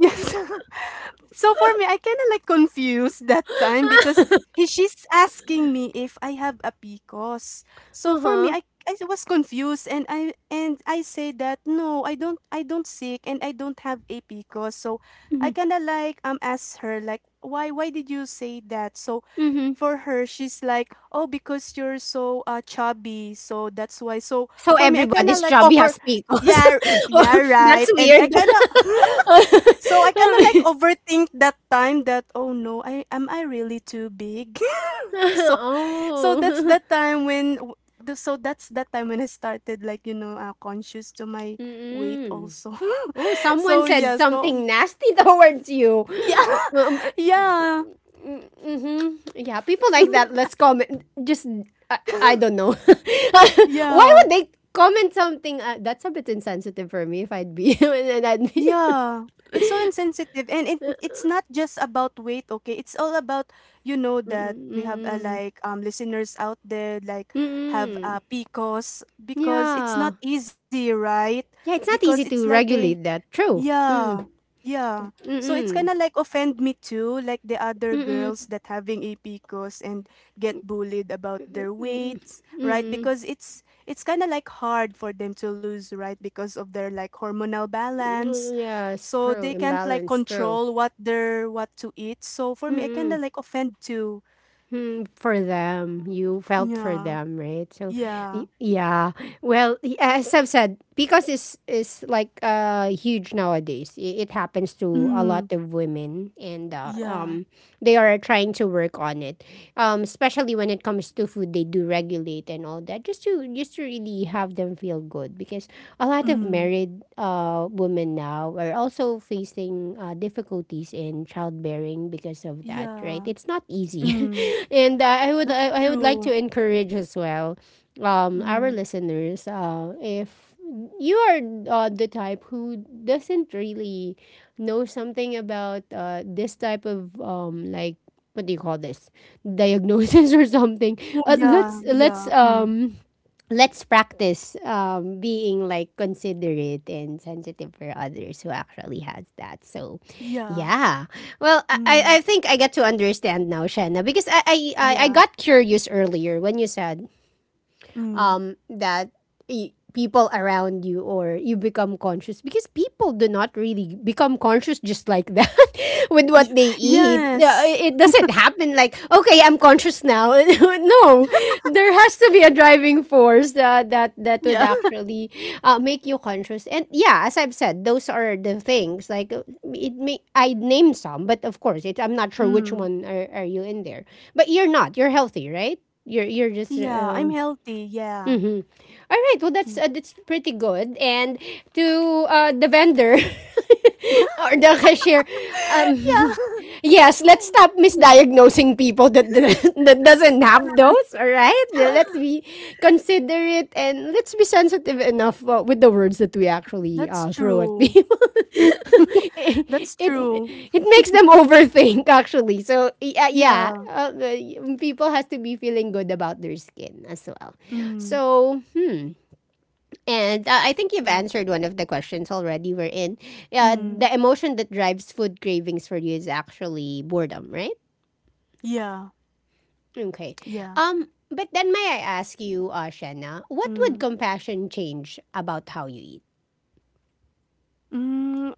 [SPEAKER 2] yes. So for me, I kind of like confused that time, because he, she's asking me if I have a PCOS. So for me,
[SPEAKER 1] Uh-huh.
[SPEAKER 2] I, was confused, and I say that no, I don't, I don't sick, and I don't have a PCOS. So I
[SPEAKER 1] Hmm.
[SPEAKER 2] kind of like asked her like why, did you say that? So
[SPEAKER 1] Hmm.
[SPEAKER 2] for her, she's like oh because you're so chubby, so that's why. So
[SPEAKER 1] So
[SPEAKER 2] for me, I kind of
[SPEAKER 1] everybody's
[SPEAKER 2] like
[SPEAKER 1] chubby
[SPEAKER 2] over,
[SPEAKER 1] has pickles.
[SPEAKER 2] yeah. Yeah,
[SPEAKER 1] Oh,
[SPEAKER 2] right.
[SPEAKER 1] that's
[SPEAKER 2] And I
[SPEAKER 1] weird.
[SPEAKER 2] kind of so I kind of like overthink that time, that oh no, I, am I really too big? So, so that's
[SPEAKER 1] Oh.
[SPEAKER 2] that time when so that's that time when I started like you know conscious to my weight
[SPEAKER 1] Mm-mm.
[SPEAKER 2] also.
[SPEAKER 1] Oh, someone
[SPEAKER 2] So
[SPEAKER 1] said
[SPEAKER 2] yeah, so
[SPEAKER 1] something nasty towards you.
[SPEAKER 2] yeah,
[SPEAKER 1] Um,
[SPEAKER 2] yeah,
[SPEAKER 1] Mm-hmm. Yeah, people like that. Let's comment. Just I don't know. Why
[SPEAKER 2] yeah.
[SPEAKER 1] would they comment something? That's a bit insensitive for me. If I'd be, and I'd be.
[SPEAKER 2] Yeah, it's so insensitive, and it's not just about weight, okay? It's all about, you know, that
[SPEAKER 1] Mm-mm.
[SPEAKER 2] we have
[SPEAKER 1] Mm-mm.
[SPEAKER 2] like listeners out there like have
[SPEAKER 1] Mm-mm.
[SPEAKER 2] PCOS, because it's
[SPEAKER 1] Yeah.
[SPEAKER 2] not easy, right?
[SPEAKER 1] Yeah, it's not
[SPEAKER 2] Because
[SPEAKER 1] easy
[SPEAKER 2] it's like
[SPEAKER 1] to
[SPEAKER 2] a,
[SPEAKER 1] regulate that. True.
[SPEAKER 2] yeah.
[SPEAKER 1] Mm.
[SPEAKER 2] Yeah. So it's kind
[SPEAKER 1] Mm-mm.
[SPEAKER 2] of like offend me too, like the other
[SPEAKER 1] Mm-mm.
[SPEAKER 2] girls that having a PCOS and get bullied about their
[SPEAKER 1] Mm-mm.
[SPEAKER 2] weights, right?
[SPEAKER 1] Mm-mm.
[SPEAKER 2] Because it's kind of like hard for them to lose, right? Because of their like hormonal balance.
[SPEAKER 1] Mm-mm. Yes,
[SPEAKER 2] So
[SPEAKER 1] true.
[SPEAKER 2] they can't like
[SPEAKER 1] Imbalance. True.
[SPEAKER 2] control what they're, what to eat. So for me, I kind
[SPEAKER 1] Mm-mm.
[SPEAKER 2] of like offend too.
[SPEAKER 1] Hmm, for them, you felt for
[SPEAKER 2] Yeah.
[SPEAKER 1] them, right? So,
[SPEAKER 2] Yeah.
[SPEAKER 1] yeah. Well, as I've said, because it's like huge nowadays. It happens to a
[SPEAKER 2] Mm.
[SPEAKER 1] lot of women, and
[SPEAKER 2] Yeah.
[SPEAKER 1] they are trying to work on it, especially when it comes to food. They do regulate and all that, just to really have them feel good. Because a lot of
[SPEAKER 2] Mm.
[SPEAKER 1] married women now are also facing difficulties in childbearing because of that. Right?
[SPEAKER 2] Yeah.
[SPEAKER 1] It's not easy,
[SPEAKER 2] Mm.
[SPEAKER 1] and I would,
[SPEAKER 2] That's
[SPEAKER 1] I would like to
[SPEAKER 2] true.
[SPEAKER 1] encourage as well, our
[SPEAKER 2] Mm.
[SPEAKER 1] listeners. If you are the type who doesn't really know something about this type of, like, what do you call this, diagnosis or something.
[SPEAKER 2] Oh,
[SPEAKER 1] Uh,
[SPEAKER 2] yeah,
[SPEAKER 1] let's
[SPEAKER 2] yeah,
[SPEAKER 1] let's
[SPEAKER 2] mm,
[SPEAKER 1] um let's practice, being, like, considerate and sensitive for others who actually has that. So,
[SPEAKER 2] yeah,
[SPEAKER 1] yeah. Well, I
[SPEAKER 2] mm,
[SPEAKER 1] think I get to understand now, Shanna, because I
[SPEAKER 2] yeah,
[SPEAKER 1] got curious earlier when you said,
[SPEAKER 2] mm,
[SPEAKER 1] that people around you, or you, become conscious, because people do not really become conscious just like that with what they eat.
[SPEAKER 2] yes,
[SPEAKER 1] It doesn't happen like, okay, I'm conscious now. No, there has to be a driving force that that would
[SPEAKER 2] yeah,
[SPEAKER 1] actually make you conscious. And yeah, as I've said, those are the things like, it may I name some, but of course, it, I'm not sure which
[SPEAKER 2] mm,
[SPEAKER 1] one are you in there. But you're not. You're healthy, right? You're just
[SPEAKER 2] yeah, I'm
[SPEAKER 1] uh,
[SPEAKER 2] healthy, yeah,
[SPEAKER 1] Mhm. Alright, well
[SPEAKER 2] mm.
[SPEAKER 1] that's pretty good. And to the vendor or the cashier, um,
[SPEAKER 2] yeah,
[SPEAKER 1] yes, let's stop
[SPEAKER 2] mm,
[SPEAKER 1] misdiagnosing people that that doesn't have those. All right,
[SPEAKER 2] yes,
[SPEAKER 1] let's be considerate and let's be sensitive enough with the words that we actually
[SPEAKER 2] that's
[SPEAKER 1] throw at
[SPEAKER 2] true,
[SPEAKER 1] people. it,
[SPEAKER 2] that's
[SPEAKER 1] it
[SPEAKER 2] true,
[SPEAKER 1] it makes them overthink actually. So yeah, yeah,
[SPEAKER 2] yeah,
[SPEAKER 1] people has to be feeling good about their skin as well.
[SPEAKER 2] mm,
[SPEAKER 1] So hmm. And I think you've
[SPEAKER 2] yeah,
[SPEAKER 1] answered one of the questions already. We're in. Uh,
[SPEAKER 2] mm,
[SPEAKER 1] the emotion that drives food cravings for you is actually boredom, right?
[SPEAKER 2] yeah,
[SPEAKER 1] Okay.
[SPEAKER 2] yeah,
[SPEAKER 1] But then, may I ask you, Shanna, what would
[SPEAKER 2] mm,
[SPEAKER 1] compassion change about how you eat?
[SPEAKER 2] mm.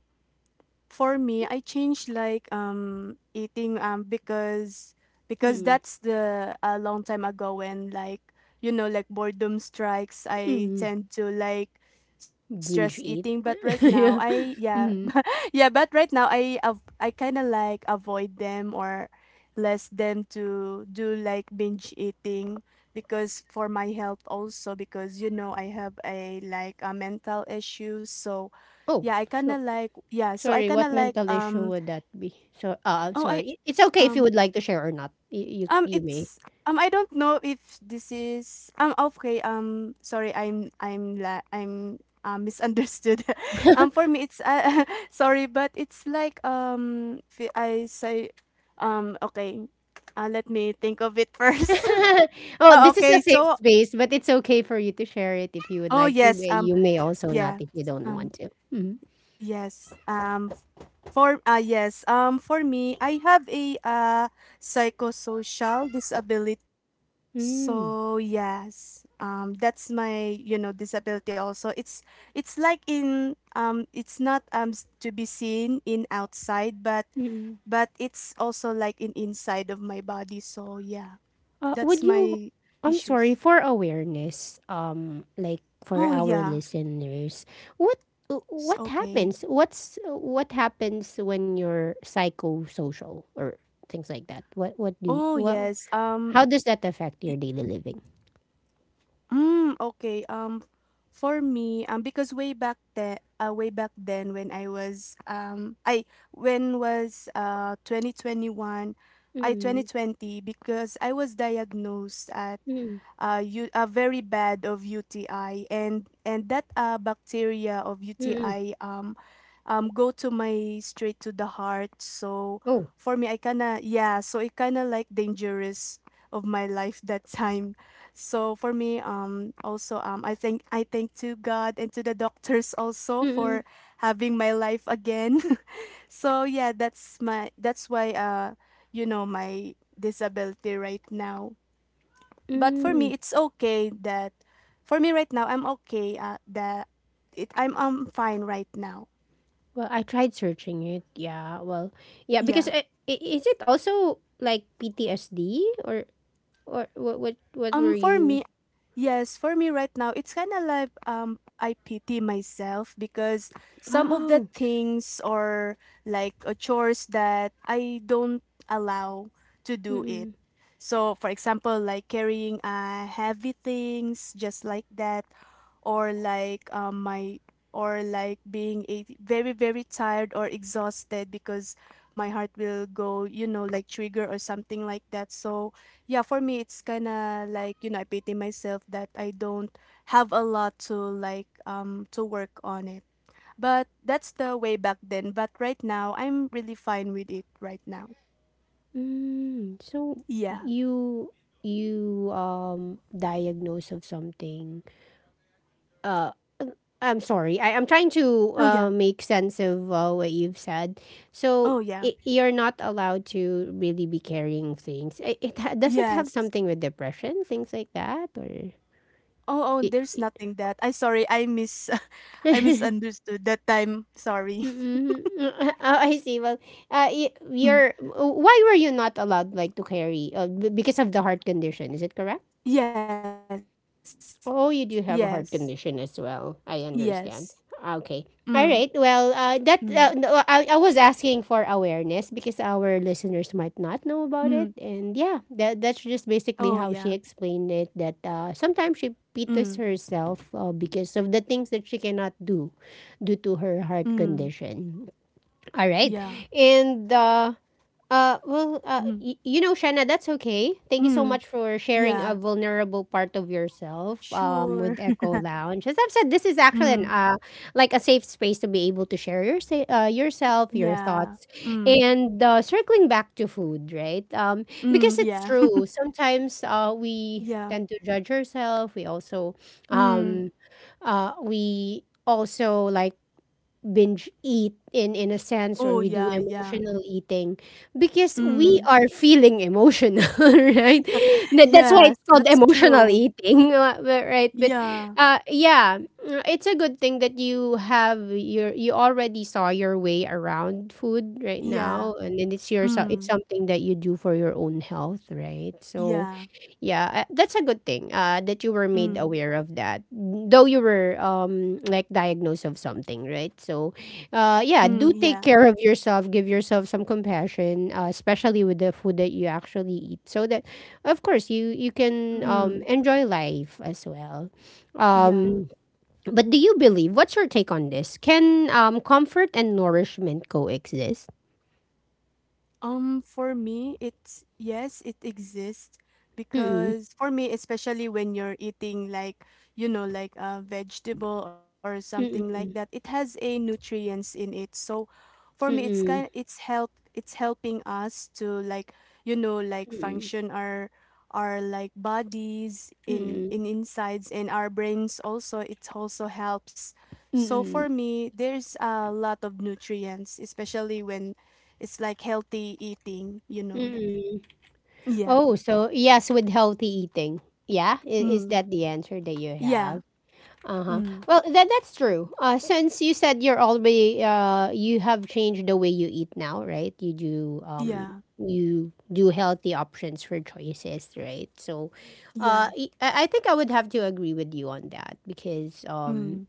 [SPEAKER 2] For me, I changed like eating because
[SPEAKER 1] Mm,
[SPEAKER 2] that's the a long time ago when like you know like boredom strikes. I
[SPEAKER 1] mm,
[SPEAKER 2] tend to like stress
[SPEAKER 1] binge
[SPEAKER 2] eating, but
[SPEAKER 1] eat.
[SPEAKER 2] Right now
[SPEAKER 1] Yeah.
[SPEAKER 2] I yeah
[SPEAKER 1] Mm.
[SPEAKER 2] yeah, but right now I I kind of like avoid them or less them to do like binge eating because for my health also because you know I have a like a mental issue so
[SPEAKER 1] Oh,
[SPEAKER 2] yeah I kind
[SPEAKER 1] so
[SPEAKER 2] of like yeah so I
[SPEAKER 1] sorry.
[SPEAKER 2] kind
[SPEAKER 1] What
[SPEAKER 2] of like
[SPEAKER 1] mental issue would that be? So, I'm
[SPEAKER 2] oh I
[SPEAKER 1] sorry. It's okay if you
[SPEAKER 2] um
[SPEAKER 1] would like to share or not. You, you,
[SPEAKER 2] um,
[SPEAKER 1] you may.
[SPEAKER 2] it's I don't know if this is okay. Sorry, I'm misunderstood. For me, it's sorry, but it's like if I say, okay, let me think of it first.
[SPEAKER 1] Oh,
[SPEAKER 2] Oh,
[SPEAKER 1] this is a
[SPEAKER 2] okay,
[SPEAKER 1] safe
[SPEAKER 2] so
[SPEAKER 1] space, but it's okay for you to share it if you would
[SPEAKER 2] oh
[SPEAKER 1] like to.
[SPEAKER 2] yes,
[SPEAKER 1] But you may also not
[SPEAKER 2] yeah,
[SPEAKER 1] if you don't want
[SPEAKER 2] um,
[SPEAKER 1] to. Hmm.
[SPEAKER 2] yes, for yes, for me, I have a psychosocial disability.
[SPEAKER 1] Mm.
[SPEAKER 2] That's my disability also. It's like in it's not to be seen in outside,
[SPEAKER 1] Mm.
[SPEAKER 2] but it's also like in inside of my body. So yeah,
[SPEAKER 1] Would
[SPEAKER 2] that's
[SPEAKER 1] you?
[SPEAKER 2] my
[SPEAKER 1] I'm sorry,
[SPEAKER 2] issues.
[SPEAKER 1] for awareness, like,
[SPEAKER 2] Oh
[SPEAKER 1] for
[SPEAKER 2] yeah,
[SPEAKER 1] our listeners, what
[SPEAKER 2] it's
[SPEAKER 1] what
[SPEAKER 2] okay.
[SPEAKER 1] happens? What happens when you're psychosocial or things like that? What do you,
[SPEAKER 2] Oh
[SPEAKER 1] what?
[SPEAKER 2] yes.
[SPEAKER 1] How does that affect your daily living?
[SPEAKER 2] Mm, okay. Um, for me, because way back then, when I was I when was uh 2021, I
[SPEAKER 1] Mm-mm.
[SPEAKER 2] 2020 because I was diagnosed at
[SPEAKER 1] Mm-mm.
[SPEAKER 2] you a very bad of UTI and that bacteria of UTI go to my straight to the heart. So
[SPEAKER 1] Oh.
[SPEAKER 2] for me, I kinda yeah, so it kinda like dangerous of my life that time. So for me, I thank to God and to the doctors also for having my life again. So yeah, that's my that's why, you know, my disability right now. But for
[SPEAKER 1] Mm-mm.
[SPEAKER 2] me, it's okay that for me right now I'm okay. That it I'm fine right now.
[SPEAKER 1] Well, I tried searching it. Yeah. Well, yeah, because
[SPEAKER 2] Yeah.
[SPEAKER 1] is it also like PTSD, or what
[SPEAKER 2] Um,
[SPEAKER 1] were
[SPEAKER 2] for
[SPEAKER 1] you?
[SPEAKER 2] me, yes, for me right now, it's kind of like I pity myself because some of the
[SPEAKER 1] Oh.
[SPEAKER 2] things or like chores that I don't allow to do it.
[SPEAKER 1] Mm-mm.
[SPEAKER 2] So, for example, like carrying heavy things, just like that or like being a very very tired or exhausted because my heart will go, you know, like trigger or something like that. So yeah, for me it's kind of like, you know, I pity myself that I don't have a lot to to work on it. But that's the way back then. But right now I'm really fine with it right now.
[SPEAKER 1] Mm. So
[SPEAKER 2] Yeah.
[SPEAKER 1] you you diagnose of something. Uh I'm sorry. I'm trying to
[SPEAKER 2] Oh yeah.
[SPEAKER 1] make sense of what you've said. So
[SPEAKER 2] Oh yeah,
[SPEAKER 1] I you're not allowed to really be carrying things. It doesn't have
[SPEAKER 2] yes.
[SPEAKER 1] something with depression, things like that, or
[SPEAKER 2] Oh, oh,
[SPEAKER 1] it.
[SPEAKER 2] there's nothing that I sorry, I mis I misunderstood that time. Sorry.
[SPEAKER 1] Mm-mm. Oh, I see. Well,
[SPEAKER 2] Mm.
[SPEAKER 1] you're. Why were you not allowed, like, to carry? Because of the heart condition. Is it correct?
[SPEAKER 2] Yes, yes,
[SPEAKER 1] Oh, you do have a heart
[SPEAKER 2] yes.
[SPEAKER 1] condition as well. I
[SPEAKER 2] Mm,
[SPEAKER 1] understand. Okay. All
[SPEAKER 2] mm,
[SPEAKER 1] right. Well, that no, I was asking for awareness, because our
[SPEAKER 2] mm.
[SPEAKER 1] listeners might not know about it, and yeah,
[SPEAKER 2] Oh,
[SPEAKER 1] that's
[SPEAKER 2] yeah.
[SPEAKER 1] just basically how she explained it. That sometimes
[SPEAKER 2] Mm,
[SPEAKER 1] she pities herself, because of the things that she cannot do due to her
[SPEAKER 2] mm,
[SPEAKER 1] heart condition. All
[SPEAKER 2] yeah.
[SPEAKER 1] right. And well,
[SPEAKER 2] Mm,
[SPEAKER 1] you know, Shanna, that's okay. Thank you so
[SPEAKER 2] mm,
[SPEAKER 1] much for sharing
[SPEAKER 2] yeah.
[SPEAKER 1] a vulnerable part of yourself,
[SPEAKER 2] Sure.
[SPEAKER 1] with Echo Lounge. As I've said, this is actually
[SPEAKER 2] Mm,
[SPEAKER 1] an like, a safe space to be able to share yourself, your
[SPEAKER 2] yeah.
[SPEAKER 1] thoughts,
[SPEAKER 2] Mm,
[SPEAKER 1] and circling back to food, right? Um,
[SPEAKER 2] mm,
[SPEAKER 1] because it's
[SPEAKER 2] yeah.
[SPEAKER 1] true. Sometimes, we
[SPEAKER 2] Yeah.
[SPEAKER 1] tend to judge ourselves.
[SPEAKER 2] Mm.
[SPEAKER 1] Um, we also like binge eat, in a sense,
[SPEAKER 2] Oh,
[SPEAKER 1] or we do
[SPEAKER 2] yeah, yeah.
[SPEAKER 1] emotional eating, because we
[SPEAKER 2] Mm.
[SPEAKER 1] are feeling emotional, right? That's
[SPEAKER 2] Yes,
[SPEAKER 1] why it's called
[SPEAKER 2] that's
[SPEAKER 1] emotional
[SPEAKER 2] true.
[SPEAKER 1] eating, right, but
[SPEAKER 2] Yeah,
[SPEAKER 1] yeah, it's a good thing that you already saw your way around food right
[SPEAKER 2] yeah.
[SPEAKER 1] now, and then it's
[SPEAKER 2] Mm,
[SPEAKER 1] it's something that you do for your own health, right? So
[SPEAKER 2] yeah.
[SPEAKER 1] yeah, that's a good thing, that you were made
[SPEAKER 2] Mm,
[SPEAKER 1] aware of that. Though you were, like, diagnosed of something, right? So,
[SPEAKER 2] mm,
[SPEAKER 1] yeah,
[SPEAKER 2] yeah.
[SPEAKER 1] do take care of yourself. Give yourself some compassion, especially with the food that you actually eat, so that, of course, you can,
[SPEAKER 2] Mm,
[SPEAKER 1] enjoy life as well.
[SPEAKER 2] yeah.
[SPEAKER 1] Um, but do you believe? What's your take on this? Can, comfort and nourishment coexist?
[SPEAKER 2] For me, it's yes, it exists
[SPEAKER 1] Mm-mm,
[SPEAKER 2] because for me, especially when you're eating like, you know, like a vegetable or something like that,
[SPEAKER 1] mm-mm,
[SPEAKER 2] it has a nutrients in it. So for me, it's kind
[SPEAKER 1] mm-mm,
[SPEAKER 2] it's help it's helping us to like, you know, like
[SPEAKER 1] mm-mm,
[SPEAKER 2] function our like bodies
[SPEAKER 1] mm-mm,
[SPEAKER 2] in insides, and our brains also it also helps. So for
[SPEAKER 1] mm-mm,
[SPEAKER 2] me, there's a lot of nutrients, especially when it's like healthy eating, you know that.
[SPEAKER 1] mm-mm.
[SPEAKER 2] Yeah.
[SPEAKER 1] Oh, so yes, with healthy eating. Yeah, is
[SPEAKER 2] Mm.
[SPEAKER 1] that the answer that you
[SPEAKER 2] Yeah.
[SPEAKER 1] have? Uh huh.
[SPEAKER 2] Mm.
[SPEAKER 1] Well, that's true. Since you said you're already, you have changed the way you eat now, right? You do um
[SPEAKER 2] Yeah.
[SPEAKER 1] you do healthy options for choices, right? So,
[SPEAKER 2] Yeah.
[SPEAKER 1] uh, I think I would have to agree with you on that, because
[SPEAKER 2] Mm.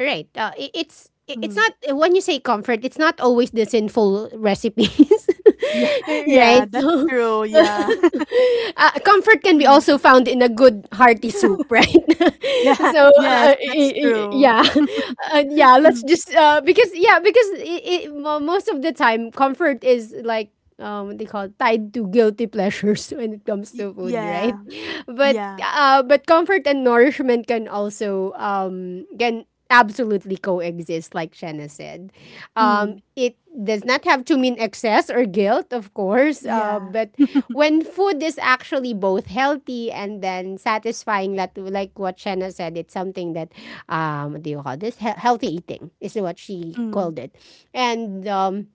[SPEAKER 1] right. It's
[SPEAKER 2] Mm.
[SPEAKER 1] not, when you say comfort, it's not always the sinful recipes,
[SPEAKER 2] Yeah. Yeah,
[SPEAKER 1] right?
[SPEAKER 2] that's
[SPEAKER 1] So,
[SPEAKER 2] true. Yeah.
[SPEAKER 1] comfort can be
[SPEAKER 2] Mm.
[SPEAKER 1] also found in a good hearty soup, right?
[SPEAKER 2] Yeah.
[SPEAKER 1] So,
[SPEAKER 2] Yes, that's true.
[SPEAKER 1] yeah, yeah. Let's
[SPEAKER 2] Mm.
[SPEAKER 1] just, because yeah, because most of the time comfort is like, what they call it, tied to guilty pleasures, when it comes to food, right?
[SPEAKER 2] Yeah.
[SPEAKER 1] But,
[SPEAKER 2] Yeah.
[SPEAKER 1] but comfort and nourishment can also, can absolutely coexist, like Shanna said.
[SPEAKER 2] Mm.
[SPEAKER 1] It does not have to mean excess or guilt, of course,
[SPEAKER 2] Yeah.
[SPEAKER 1] but when food is actually both healthy and then satisfying, that, like what Shanna said, it's something that, what do you call this, healthy eating is what she
[SPEAKER 2] Mm.
[SPEAKER 1] called it. And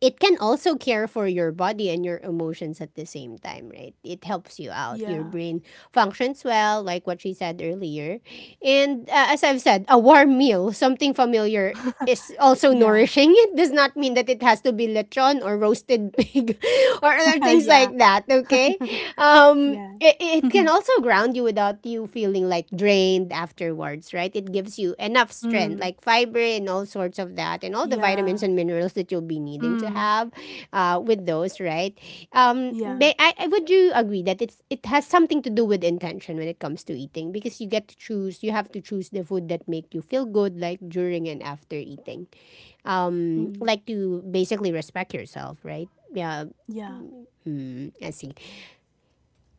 [SPEAKER 1] it can also care for your body and your emotions at the same time, right? It helps you out. Your
[SPEAKER 2] Yeah.
[SPEAKER 1] brain functions well, like what she said earlier. And as I've said, a warm meal, something familiar, is also
[SPEAKER 2] Yeah.
[SPEAKER 1] nourishing. It does not mean that it has to be lechon or roasted pig or other things
[SPEAKER 2] Yeah.
[SPEAKER 1] like that, okay?
[SPEAKER 2] Yeah.
[SPEAKER 1] It, can also ground you without you feeling like drained afterwards, right? It gives you enough strength,
[SPEAKER 2] Mm.
[SPEAKER 1] like fiber and all sorts of that and all the vitamins
[SPEAKER 2] Yeah.
[SPEAKER 1] and minerals that you'll be needing to
[SPEAKER 2] Mm.
[SPEAKER 1] have, with those, right?
[SPEAKER 2] Yeah.
[SPEAKER 1] May, I would you agree that it has something to do with intention when it comes to eating? Because you get to choose, you have to choose the food that make you feel good, like during and after eating,
[SPEAKER 2] Mm.
[SPEAKER 1] like, to basically respect yourself, right? Yeah.
[SPEAKER 2] Yeah.
[SPEAKER 1] Hmm, I see.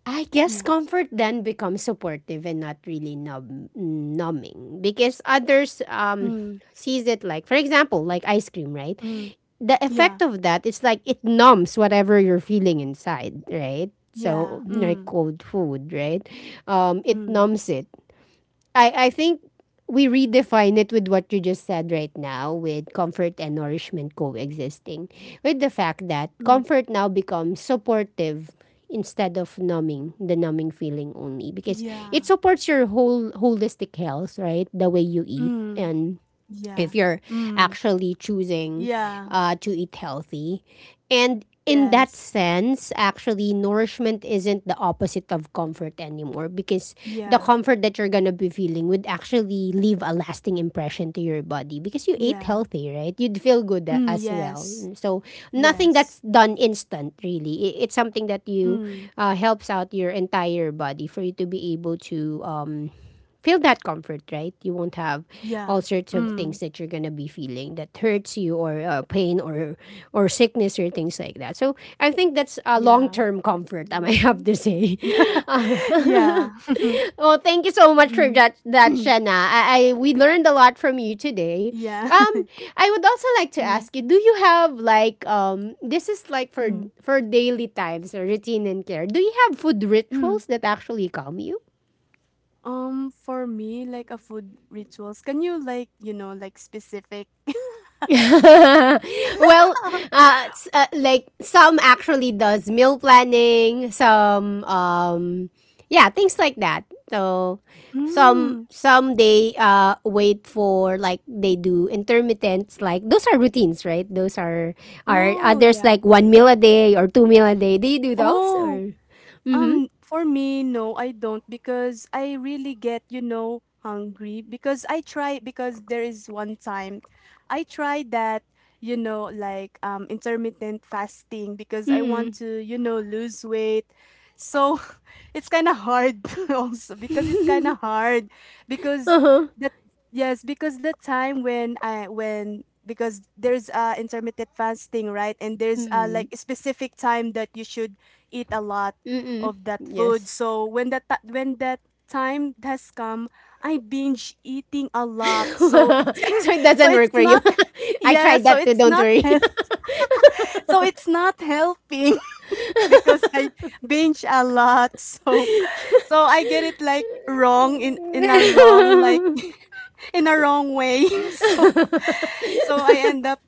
[SPEAKER 1] I guess
[SPEAKER 2] Yeah.
[SPEAKER 1] comfort then becomes supportive and not really numbing, because others,
[SPEAKER 2] Mm.
[SPEAKER 1] sees it like, for example, like ice cream, right?
[SPEAKER 2] Mm.
[SPEAKER 1] The
[SPEAKER 2] Yeah.
[SPEAKER 1] effect of that, it's like it numbs whatever you're feeling inside, right?
[SPEAKER 2] Yeah.
[SPEAKER 1] So like
[SPEAKER 2] Mm.
[SPEAKER 1] cold food, right? It
[SPEAKER 2] Mm.
[SPEAKER 1] numbs it. I think we redefine it with what you just said right now, with comfort and nourishment coexisting, with the fact that
[SPEAKER 2] Mm.
[SPEAKER 1] comfort now becomes supportive, instead of numbing, the numbing feeling only, because it
[SPEAKER 2] Yeah.
[SPEAKER 1] supports your whole holistic health, right? The way you eat,
[SPEAKER 2] Mm,
[SPEAKER 1] and if
[SPEAKER 2] yeah.
[SPEAKER 1] you're
[SPEAKER 2] Mm,
[SPEAKER 1] actually choosing
[SPEAKER 2] yeah.
[SPEAKER 1] to eat healthy. And in that
[SPEAKER 2] Yes.
[SPEAKER 1] sense, actually, nourishment isn't the opposite of comfort anymore, because the
[SPEAKER 2] Yeah.
[SPEAKER 1] comfort that you're going to be feeling would actually leave a lasting impression to your body, because you ate
[SPEAKER 2] Yeah.
[SPEAKER 1] healthy, right? You'd feel good
[SPEAKER 2] Mm,
[SPEAKER 1] as well.
[SPEAKER 2] yes.
[SPEAKER 1] So, nothing that's
[SPEAKER 2] Yes.
[SPEAKER 1] done instant, really. It's something that you,
[SPEAKER 2] Mm,
[SPEAKER 1] helps out your entire body for you to be able to, feel that comfort, right? You won't have all
[SPEAKER 2] yeah.
[SPEAKER 1] sorts of things
[SPEAKER 2] Mm,
[SPEAKER 1] that you're gonna be feeling that hurts you, or pain, or sickness, or things like that. So I think that's a long
[SPEAKER 2] yeah.
[SPEAKER 1] term comfort, I might have to say. Uh,
[SPEAKER 2] Yeah.
[SPEAKER 1] well, thank you so much for
[SPEAKER 2] Mm.
[SPEAKER 1] that, Shanna. I we learned a lot from you today.
[SPEAKER 2] Yeah.
[SPEAKER 1] Um, I would also like to
[SPEAKER 2] Mm,
[SPEAKER 1] ask you: do you have, like? This is like, for
[SPEAKER 2] mm,
[SPEAKER 1] for daily times or routine and care. Do you have food
[SPEAKER 2] mm.
[SPEAKER 1] rituals that actually calm you?
[SPEAKER 2] For me, like a food rituals, can you like, you know, like specific?
[SPEAKER 1] Well, like, some actually does meal planning, some, yeah, things like that. So, some
[SPEAKER 2] Mm.
[SPEAKER 1] some they wait for, like, they do intermittents, like those are routines, right? Those are
[SPEAKER 2] Oh,
[SPEAKER 1] others
[SPEAKER 2] yeah.
[SPEAKER 1] like one meal a day or two meal a day. Do you do those
[SPEAKER 2] Oh,
[SPEAKER 1] or
[SPEAKER 2] for me, no, I don't because I really get, you know, hungry because I try because there is one time I tried that, you know, like intermittent fasting because I want
[SPEAKER 1] mm
[SPEAKER 2] to, you know, lose weight. So it's kind of hard also because it's kind of hard because
[SPEAKER 1] uh-huh.
[SPEAKER 2] that yes because the time when I when because there's intermittent fasting, right? And there's
[SPEAKER 1] Mm-mm.
[SPEAKER 2] like a specific time that you should eat a lot
[SPEAKER 1] Mm-mm.
[SPEAKER 2] of that food.
[SPEAKER 1] Yes.
[SPEAKER 2] So when that time has come I binge eating a lot. So it's
[SPEAKER 1] So it
[SPEAKER 2] so
[SPEAKER 1] doesn't
[SPEAKER 2] it's
[SPEAKER 1] work for
[SPEAKER 2] not
[SPEAKER 1] you. I
[SPEAKER 2] yeah,
[SPEAKER 1] tried
[SPEAKER 2] so
[SPEAKER 1] that too,
[SPEAKER 2] it's
[SPEAKER 1] don't
[SPEAKER 2] not
[SPEAKER 1] worry.
[SPEAKER 2] health so it's not helping because I binge a lot so so I get it like wrong in a wrong like
[SPEAKER 1] 嗯
[SPEAKER 2] in a wrong way. So so I end up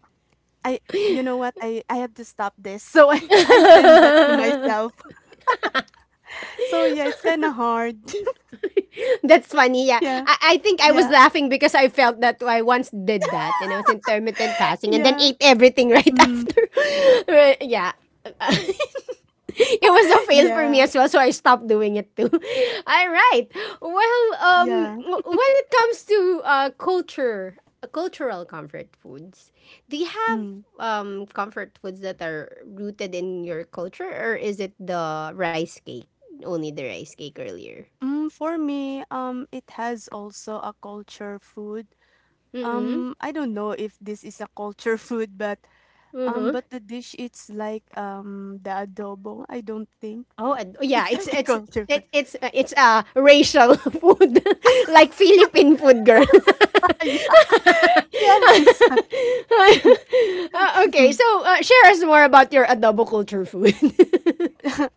[SPEAKER 2] I you know what, I have to stop this. So I I send that to myself. So yeah, it's kind of hard.
[SPEAKER 1] That's funny. Yeah.
[SPEAKER 2] yeah.
[SPEAKER 1] I think I was
[SPEAKER 2] Yeah.
[SPEAKER 1] laughing because I felt that I once did that and I was intermittent fasting and then
[SPEAKER 2] Yeah.
[SPEAKER 1] ate everything right
[SPEAKER 2] Mm.
[SPEAKER 1] after. Right, yeah. Uh, it was a fail for me
[SPEAKER 2] Yeah.
[SPEAKER 1] as well, so I stopped doing it too. All right. Well,
[SPEAKER 2] Yeah.
[SPEAKER 1] when it comes to culture, cultural comfort foods, do you have
[SPEAKER 2] Mm.
[SPEAKER 1] comfort foods that are rooted in your culture, or is it the rice cake only the rice cake earlier?
[SPEAKER 2] For me, it has also a culture food. Um, I don't know if this is a culture food but the dish it's like the adobo. I don't think
[SPEAKER 1] Oh,
[SPEAKER 2] it's
[SPEAKER 1] yeah,
[SPEAKER 2] like a
[SPEAKER 1] it's
[SPEAKER 2] compliment.
[SPEAKER 1] it, it's racial food, like Philippine food, girl.
[SPEAKER 2] Yeah. Yes.
[SPEAKER 1] Okay, so share us more about your adobo culture food.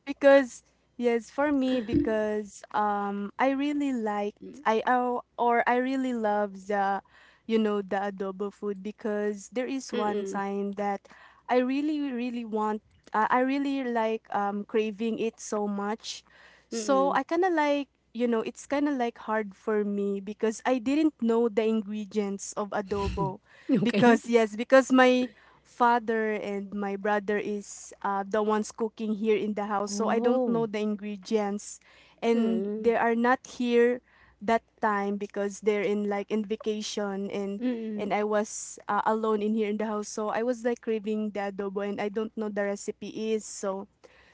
[SPEAKER 2] Because yes, for me because I really liked I oh, or I really love the, you know, the adobo food because there is one time that I really really want I really like craving it so much. So I kind of like, you know, it's kind of like hard for me because I didn't know the ingredients of adobo
[SPEAKER 1] Okay.
[SPEAKER 2] because yes because my father and my brother is, the ones cooking here in the house, so I don't
[SPEAKER 1] Oh.
[SPEAKER 2] know the ingredients, and
[SPEAKER 1] Mm.
[SPEAKER 2] they are not here that time because they're in like in vacation. And I was, alone in here in the house, so I was like craving the adobo and I don't know the recipe is. So,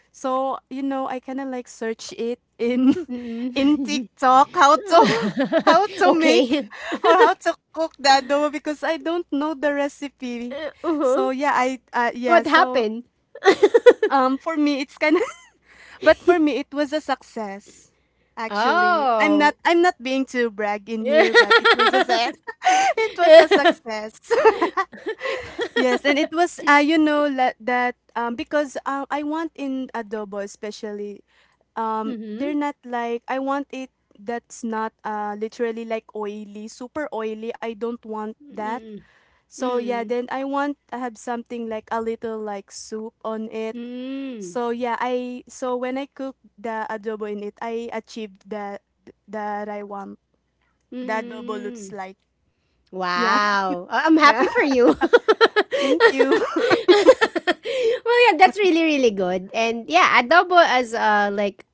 [SPEAKER 2] so you know, I kinda like search it in in
[SPEAKER 1] Mm.
[SPEAKER 2] TikTok how to how to make
[SPEAKER 1] Okay.
[SPEAKER 2] or how to cook the adobo because I don't know the recipe.
[SPEAKER 1] Uh, uh-huh.
[SPEAKER 2] So yeah, I
[SPEAKER 1] What happened?
[SPEAKER 2] for me it's kinda but for me it was a success. Actually, I'm
[SPEAKER 1] Oh.
[SPEAKER 2] not being too brag in here, but it was a success. It was a success. Yes, and it was you know la- that because I want in adobo, especially
[SPEAKER 1] Mm-hmm.
[SPEAKER 2] they're not like I want it that's not literally like oily, super oily. I don't want that. So
[SPEAKER 1] Mm.
[SPEAKER 2] yeah, then I have something like a little like soup on it.
[SPEAKER 1] Mm.
[SPEAKER 2] So yeah, I so when I cook the adobo in it, I achieved that that I want. The adobo looks
[SPEAKER 1] Mm.
[SPEAKER 2] like. Yeah.
[SPEAKER 1] Wow. I'm
[SPEAKER 2] Yeah.
[SPEAKER 1] happy for you. Well,
[SPEAKER 2] Thank you.
[SPEAKER 1] yeah, that's really, really good. And yeah, adobo as like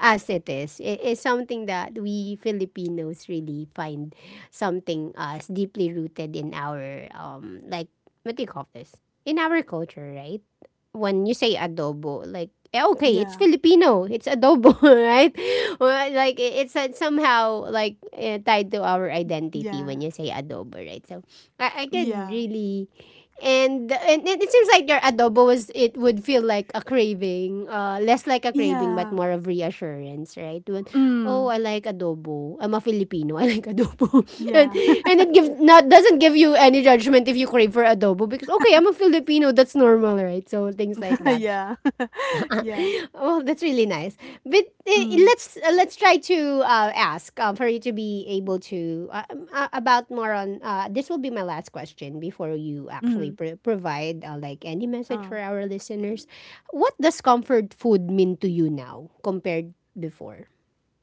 [SPEAKER 1] as it is, is something that we Filipinos really find something as deeply rooted in our like what do you call this? In our culture, right? When you say adobo, like okay, it's
[SPEAKER 2] Yeah.
[SPEAKER 1] Filipino. It's adobo, right? Well, like it's somehow like tied to our identity when
[SPEAKER 2] Yeah.
[SPEAKER 1] you say adobo, right? So I
[SPEAKER 2] Yeah.
[SPEAKER 1] could really and, and it seems like your adobo was it would feel like a craving, less like a craving but
[SPEAKER 2] Yeah.
[SPEAKER 1] more of reassurance, right? When, oh,
[SPEAKER 2] Mm.
[SPEAKER 1] I like adobo. I'm a Filipino. I like adobo, and
[SPEAKER 2] Yeah.
[SPEAKER 1] and it gives not doesn't give you any judgment if you crave for adobo because okay, I'm a Filipino. That's normal, right? So things like that.
[SPEAKER 2] yeah. yeah.
[SPEAKER 1] Well, that's really nice. But
[SPEAKER 2] Mm.
[SPEAKER 1] let's try to ask for you to be able to about more on. This will be my last question before you actually
[SPEAKER 2] Mm.
[SPEAKER 1] provide like any message
[SPEAKER 2] Uh.
[SPEAKER 1] for our listeners. What does comfort food mean to you now compared before?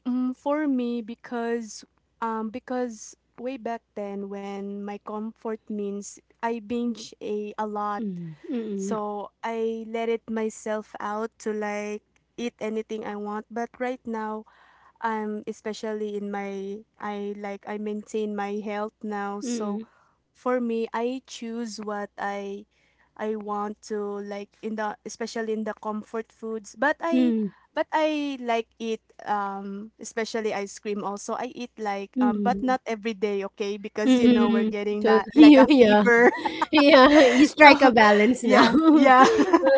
[SPEAKER 2] For me, because way back then, when my comfort means I binge a lot,
[SPEAKER 1] Mm, mm,
[SPEAKER 2] so I let it myself out to like eat anything I want. But right now, especially in my I like I maintain my health now,
[SPEAKER 1] mm,
[SPEAKER 2] so for me I choose what I want to like in the, especially in the comfort foods. But
[SPEAKER 1] mm,
[SPEAKER 2] I
[SPEAKER 1] mm,
[SPEAKER 2] but I like eat especially ice cream also. I eat like but not
[SPEAKER 1] mm,
[SPEAKER 2] every day, okay, because you know we're
[SPEAKER 1] mm.
[SPEAKER 2] getting
[SPEAKER 1] So
[SPEAKER 2] like
[SPEAKER 1] you,
[SPEAKER 2] a
[SPEAKER 1] yeah,
[SPEAKER 2] fever.
[SPEAKER 1] yeah, you strike a
[SPEAKER 2] So
[SPEAKER 1] balance now.
[SPEAKER 2] yeah, yeah.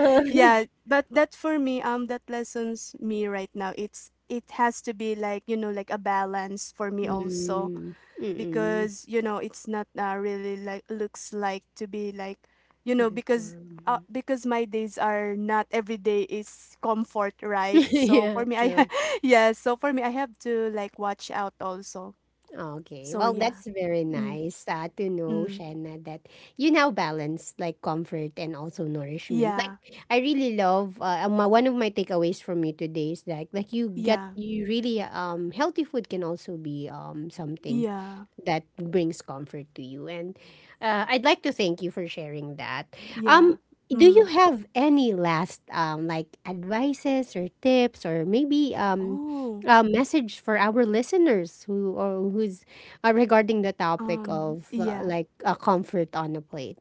[SPEAKER 2] Yeah, but that for me that lessons me right now. It's it has to be like, you know, like a balance for me also
[SPEAKER 1] Mm, mm.
[SPEAKER 2] because, you know, it's not, really like looks like to be like, you know,
[SPEAKER 1] Before. Mhm.
[SPEAKER 2] because my days are not every day is comfort, right? So
[SPEAKER 1] Yeah,
[SPEAKER 2] for me I
[SPEAKER 1] true.
[SPEAKER 2] yeah, so for me I have to like watch out also.
[SPEAKER 1] Okay.
[SPEAKER 2] So
[SPEAKER 1] Well, that's
[SPEAKER 2] yeah.
[SPEAKER 1] very
[SPEAKER 2] Mm,
[SPEAKER 1] nice to know,
[SPEAKER 2] mm,
[SPEAKER 1] Shanna, that you now balance like comfort and also nourishment. Like
[SPEAKER 2] yeah.
[SPEAKER 1] I really love one of my takeaways from you today is like you get
[SPEAKER 2] Yeah.
[SPEAKER 1] you really healthy food can also be something
[SPEAKER 2] Yeah.
[SPEAKER 1] that brings comfort to you. And I'd like to thank you for sharing that.
[SPEAKER 2] Yeah.
[SPEAKER 1] Um, do you
[SPEAKER 2] Mm.
[SPEAKER 1] have any last like advices or tips or maybe
[SPEAKER 2] Oh,
[SPEAKER 1] a message for our listeners who or who's regarding the topic of
[SPEAKER 2] yeah.
[SPEAKER 1] like a comfort on a plate?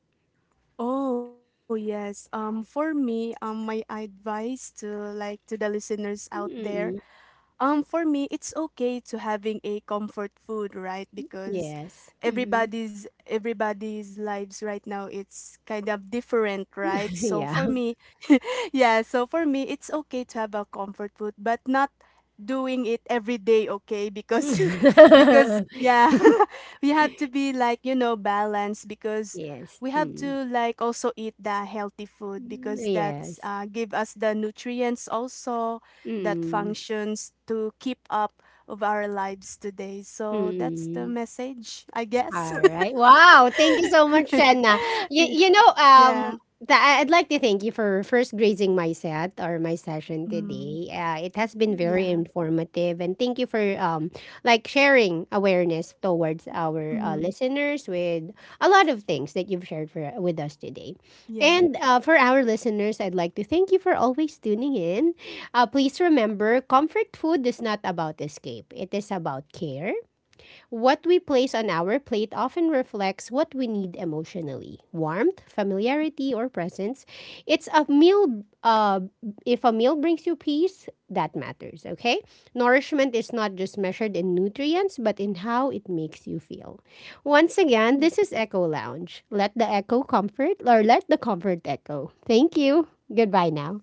[SPEAKER 2] Oh, yes. For me, my advice to to the listeners out there,
[SPEAKER 1] Mm.
[SPEAKER 2] for me, it's okay to having a comfort food, right? Because
[SPEAKER 1] Yes. Hmm.
[SPEAKER 2] everybody's lives right now it's kind of different, right? So
[SPEAKER 1] Yeah.
[SPEAKER 2] for me, yeah, so for me, it's okay to have a comfort food, but not doing it every day, okay? Because because yeah, we have to be like, you know, balanced, because
[SPEAKER 1] Yes.
[SPEAKER 2] we have
[SPEAKER 1] Mm.
[SPEAKER 2] to like also eat the healthy food because that's,
[SPEAKER 1] Yes.
[SPEAKER 2] give us the nutrients also that
[SPEAKER 1] Mm.
[SPEAKER 2] functions to keep up of our lives today. So that's the
[SPEAKER 1] Mm.
[SPEAKER 2] message, I guess.
[SPEAKER 1] All right. Wow. Thank you so much, Shanna. You, you know,
[SPEAKER 2] Yeah.
[SPEAKER 1] I- I'd like to thank you for first grazing my set or my session
[SPEAKER 2] Mm,
[SPEAKER 1] today. It has been
[SPEAKER 2] yeah.
[SPEAKER 1] very informative, and thank you for like sharing awareness towards our
[SPEAKER 2] Mm,
[SPEAKER 1] listeners with a lot of things that you've shared for, with us today.
[SPEAKER 2] yeah.
[SPEAKER 1] And for our listeners, I'd like to thank you for always tuning in. Please remember, comfort food is not about escape; it is about care. What we place on our plate often reflects what we need emotionally: warmth, familiarity, or presence. It's a meal, if a meal brings you peace, that matters, okay? Nourishment is not just measured in nutrients, but in how it makes you feel. Once again,
[SPEAKER 2] Yeah.
[SPEAKER 1] this is Echo Lounge. Let the echo comfort, or let the comfort echo. Thank you. Goodbye now.